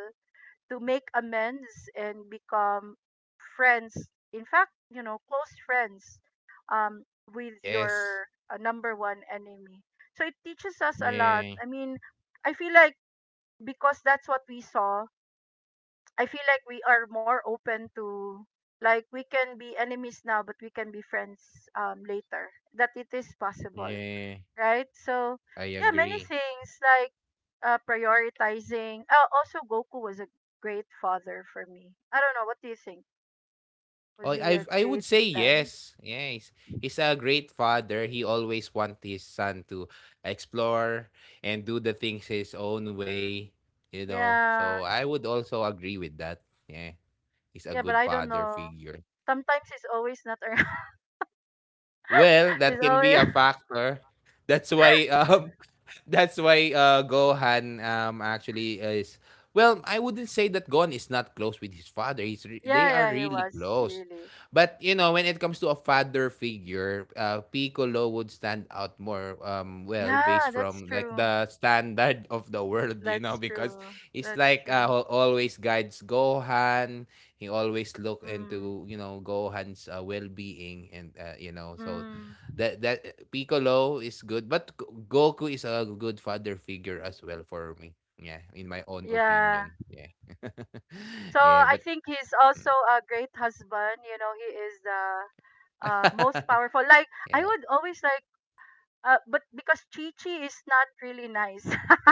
Speaker 1: to make amends and become friends. In fact, you know, close friends um, with your
Speaker 2: Yes.
Speaker 1: number one enemy. So it teaches us a lot. I
Speaker 2: Yeah.
Speaker 1: mean, I feel like, because that's what we saw, I feel like we are more open to, like, we can be enemies now, but we can be friends later. That it is possible,
Speaker 2: Yeah.
Speaker 1: right? So
Speaker 2: I
Speaker 1: yeah, many
Speaker 2: agree.
Speaker 1: things like prioritizing. Oh, also Goku was a great father for me. I don't know. What do you think?
Speaker 2: Oh,
Speaker 1: Was he a
Speaker 2: I would
Speaker 1: great
Speaker 2: say
Speaker 1: dad?
Speaker 2: yes. Yeah, he's a great father. He always want his son to explore and do the things his own way, you know. So
Speaker 1: Yeah,
Speaker 2: I would also agree with that. Yeah. He's a
Speaker 1: yeah,
Speaker 2: good
Speaker 1: but I don't
Speaker 2: father
Speaker 1: know.
Speaker 2: figure.
Speaker 1: Sometimes he's always not around.
Speaker 2: Well,
Speaker 1: *laughs*
Speaker 2: that
Speaker 1: he's
Speaker 2: can be
Speaker 1: always
Speaker 2: a
Speaker 1: *laughs*
Speaker 2: factor. That's why *laughs* that's why Gohan actually is, well, I wouldn't say that Gohan is not close with his father. They
Speaker 1: yeah,
Speaker 2: are
Speaker 1: yeah. He
Speaker 2: really
Speaker 1: was
Speaker 2: close.
Speaker 1: really.
Speaker 2: But you know, when it comes to a father figure, Piccolo would stand out more well based
Speaker 1: Yeah, that's
Speaker 2: from like
Speaker 1: true.
Speaker 2: the standard *laughs* of the world, you know,
Speaker 1: That's
Speaker 2: because
Speaker 1: true.
Speaker 2: it's
Speaker 1: That's
Speaker 2: like
Speaker 1: true.
Speaker 2: always guides Gohan. He always look
Speaker 1: Mm.
Speaker 2: into you know Gohan's well-being and you know, so
Speaker 1: Mm.
Speaker 2: that Piccolo is good, but Goku is a good father figure as well for me. Yeah, in my own
Speaker 1: Yeah.
Speaker 2: opinion. Yeah,
Speaker 1: So
Speaker 2: *laughs* yeah,
Speaker 1: I
Speaker 2: but
Speaker 1: think he's also a great husband. You know, he is the most powerful. Like
Speaker 2: *laughs*
Speaker 1: I
Speaker 2: yeah,
Speaker 1: would always like, but because Chichi is not really nice. *laughs*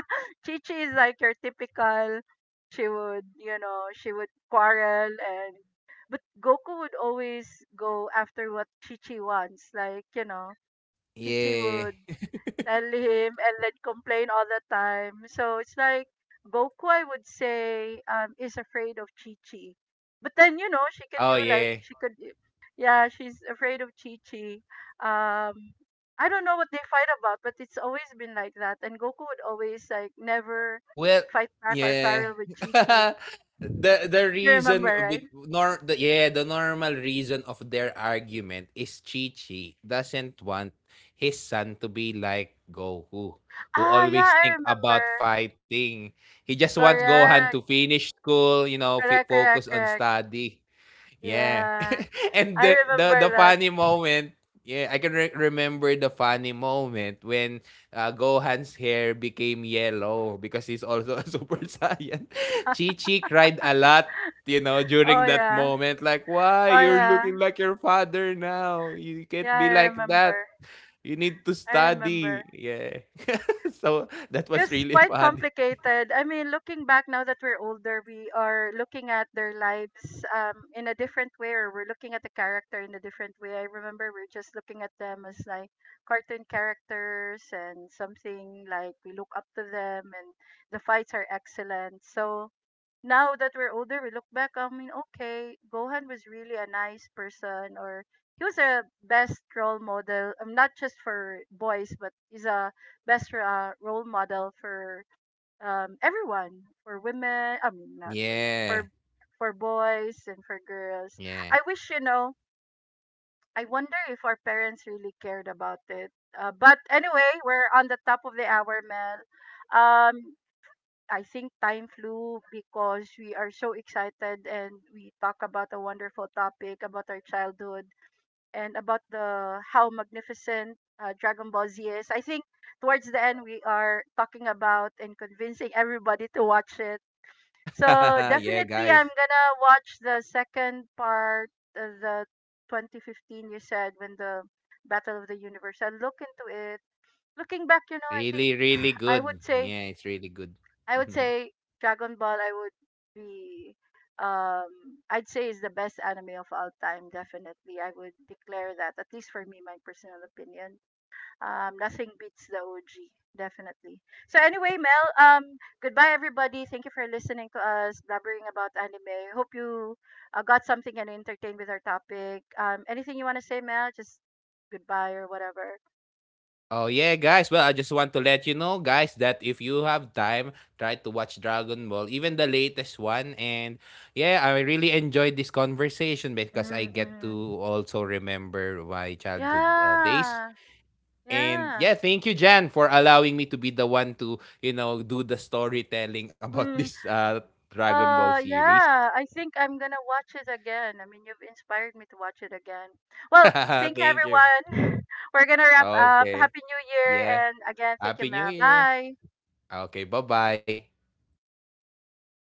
Speaker 1: Chichi is like your typical. She would, you know, she would quarrel and. But Goku would always go after what Chichi wants. Like, you know, Chichi
Speaker 2: yeah.
Speaker 1: would tell him and then complain all the time. So it's like Goku, I would say, is afraid of Chi Chi. But then, you know, she could do
Speaker 2: Oh
Speaker 1: like,
Speaker 2: yeah.
Speaker 1: she could, yeah, she's afraid of Chi Chi. Um, I don't know what they fight about, but it's always been like that. And Goku would always like never
Speaker 2: Well,
Speaker 1: fight back or
Speaker 2: yeah.
Speaker 1: quarrel with Chi Chi.
Speaker 2: *laughs* The
Speaker 1: You remember,
Speaker 2: reason
Speaker 1: right?
Speaker 2: bit nor the yeah the normal reason of their argument is Chi-Chi doesn't want his son to be like Goku, who
Speaker 1: Ah, yeah,
Speaker 2: always
Speaker 1: I
Speaker 2: think
Speaker 1: remember.
Speaker 2: about fighting. He just wants Gohan
Speaker 1: Correct,
Speaker 2: to finish school, you know,
Speaker 1: correct, correct,
Speaker 2: focus on
Speaker 1: correct.
Speaker 2: study. Yeah.
Speaker 1: Yeah,
Speaker 2: *laughs* and
Speaker 1: I
Speaker 2: the
Speaker 1: remember that.
Speaker 2: funny moment, yeah, I can remember the funny moment when Gohan's hair became yellow because he's also a *laughs* Super Saiyan. Chi-Chi cried a lot, you know,
Speaker 1: Oh
Speaker 2: during that
Speaker 1: yeah,
Speaker 2: moment like, "Why
Speaker 1: oh
Speaker 2: you're
Speaker 1: yeah.
Speaker 2: looking like your father now? You can't
Speaker 1: Yeah, I
Speaker 2: be like that.
Speaker 1: remember.
Speaker 2: You need to
Speaker 1: I remember.
Speaker 2: study." Yeah. *laughs* so that was
Speaker 1: It's
Speaker 2: really *laughs*
Speaker 1: quite
Speaker 2: funny.
Speaker 1: complicated. I mean, looking back now that we're older, we are looking at their lives in a different way, or we're looking at the character in a different way. I remember we're just looking at them as like cartoon characters and something like we look up to them, and the fights are excellent. So, now that we're older, we look back. I mean, okay, Gohan was really a nice person, or he was a best role model. Not just for boys, but he's a best role model for everyone, for women. I mean, not women,
Speaker 2: Yeah.
Speaker 1: for boys and for girls.
Speaker 2: Yeah.
Speaker 1: I wish, you know. I wonder if our parents really cared about it. But anyway, we're on the top of the hour, Mel. Um, I think time flew because we are so excited and we talk about a wonderful topic about our childhood and about the how magnificent Dragon Ball Z is. I think towards the end we are talking about and convincing everybody to watch it. So
Speaker 2: *laughs* yeah,
Speaker 1: definitely I'm
Speaker 2: guys.
Speaker 1: gonna watch the second part of the 2015 you said when the Battle of the Universe. I'll look into it. Looking back, you know, I
Speaker 2: Really,
Speaker 1: think
Speaker 2: really
Speaker 1: *sighs* I
Speaker 2: good.
Speaker 1: would say
Speaker 2: Yeah, it's really good.
Speaker 1: I would
Speaker 2: *laughs*
Speaker 1: say Dragon Ball. I would be um I'd say is the best anime of all time. Definitely, I would declare that. At least for me, my personal opinion. Nothing beats the OG. Definitely. So anyway, Mel. Goodbye everybody. Thank you for listening to us blabbering about anime. Hope you got something and entertained with our topic. Anything you want to say, Mel? Just goodbye or whatever.
Speaker 2: oh yeah, guys. Well, I just want to let you know, guys, that if you have time, try to watch Dragon Ball, even the latest one. And yeah, I really enjoyed this conversation because I
Speaker 1: Mm-hmm,
Speaker 2: get
Speaker 1: mm-hmm.
Speaker 2: to also remember my childhood days.
Speaker 1: Yeah.
Speaker 2: And
Speaker 1: Yeah.
Speaker 2: yeah, thank you, Jan, for allowing me to be the one to you know do the storytelling *laughs* about
Speaker 1: Mm.
Speaker 2: this Dragon Ball series.
Speaker 1: Yeah, I think I'm gonna watch it again. I mean, you've inspired me to watch it again. Well,
Speaker 2: *laughs*
Speaker 1: thank you
Speaker 2: thank you.
Speaker 1: everyone. *laughs* We're gonna wrap up.
Speaker 2: Okay.
Speaker 1: Happy New Year,
Speaker 2: Yeah.
Speaker 1: and again, thank you,
Speaker 2: Happy New
Speaker 1: Mel.
Speaker 2: Year.
Speaker 1: Bye.
Speaker 2: Okay, bye-bye.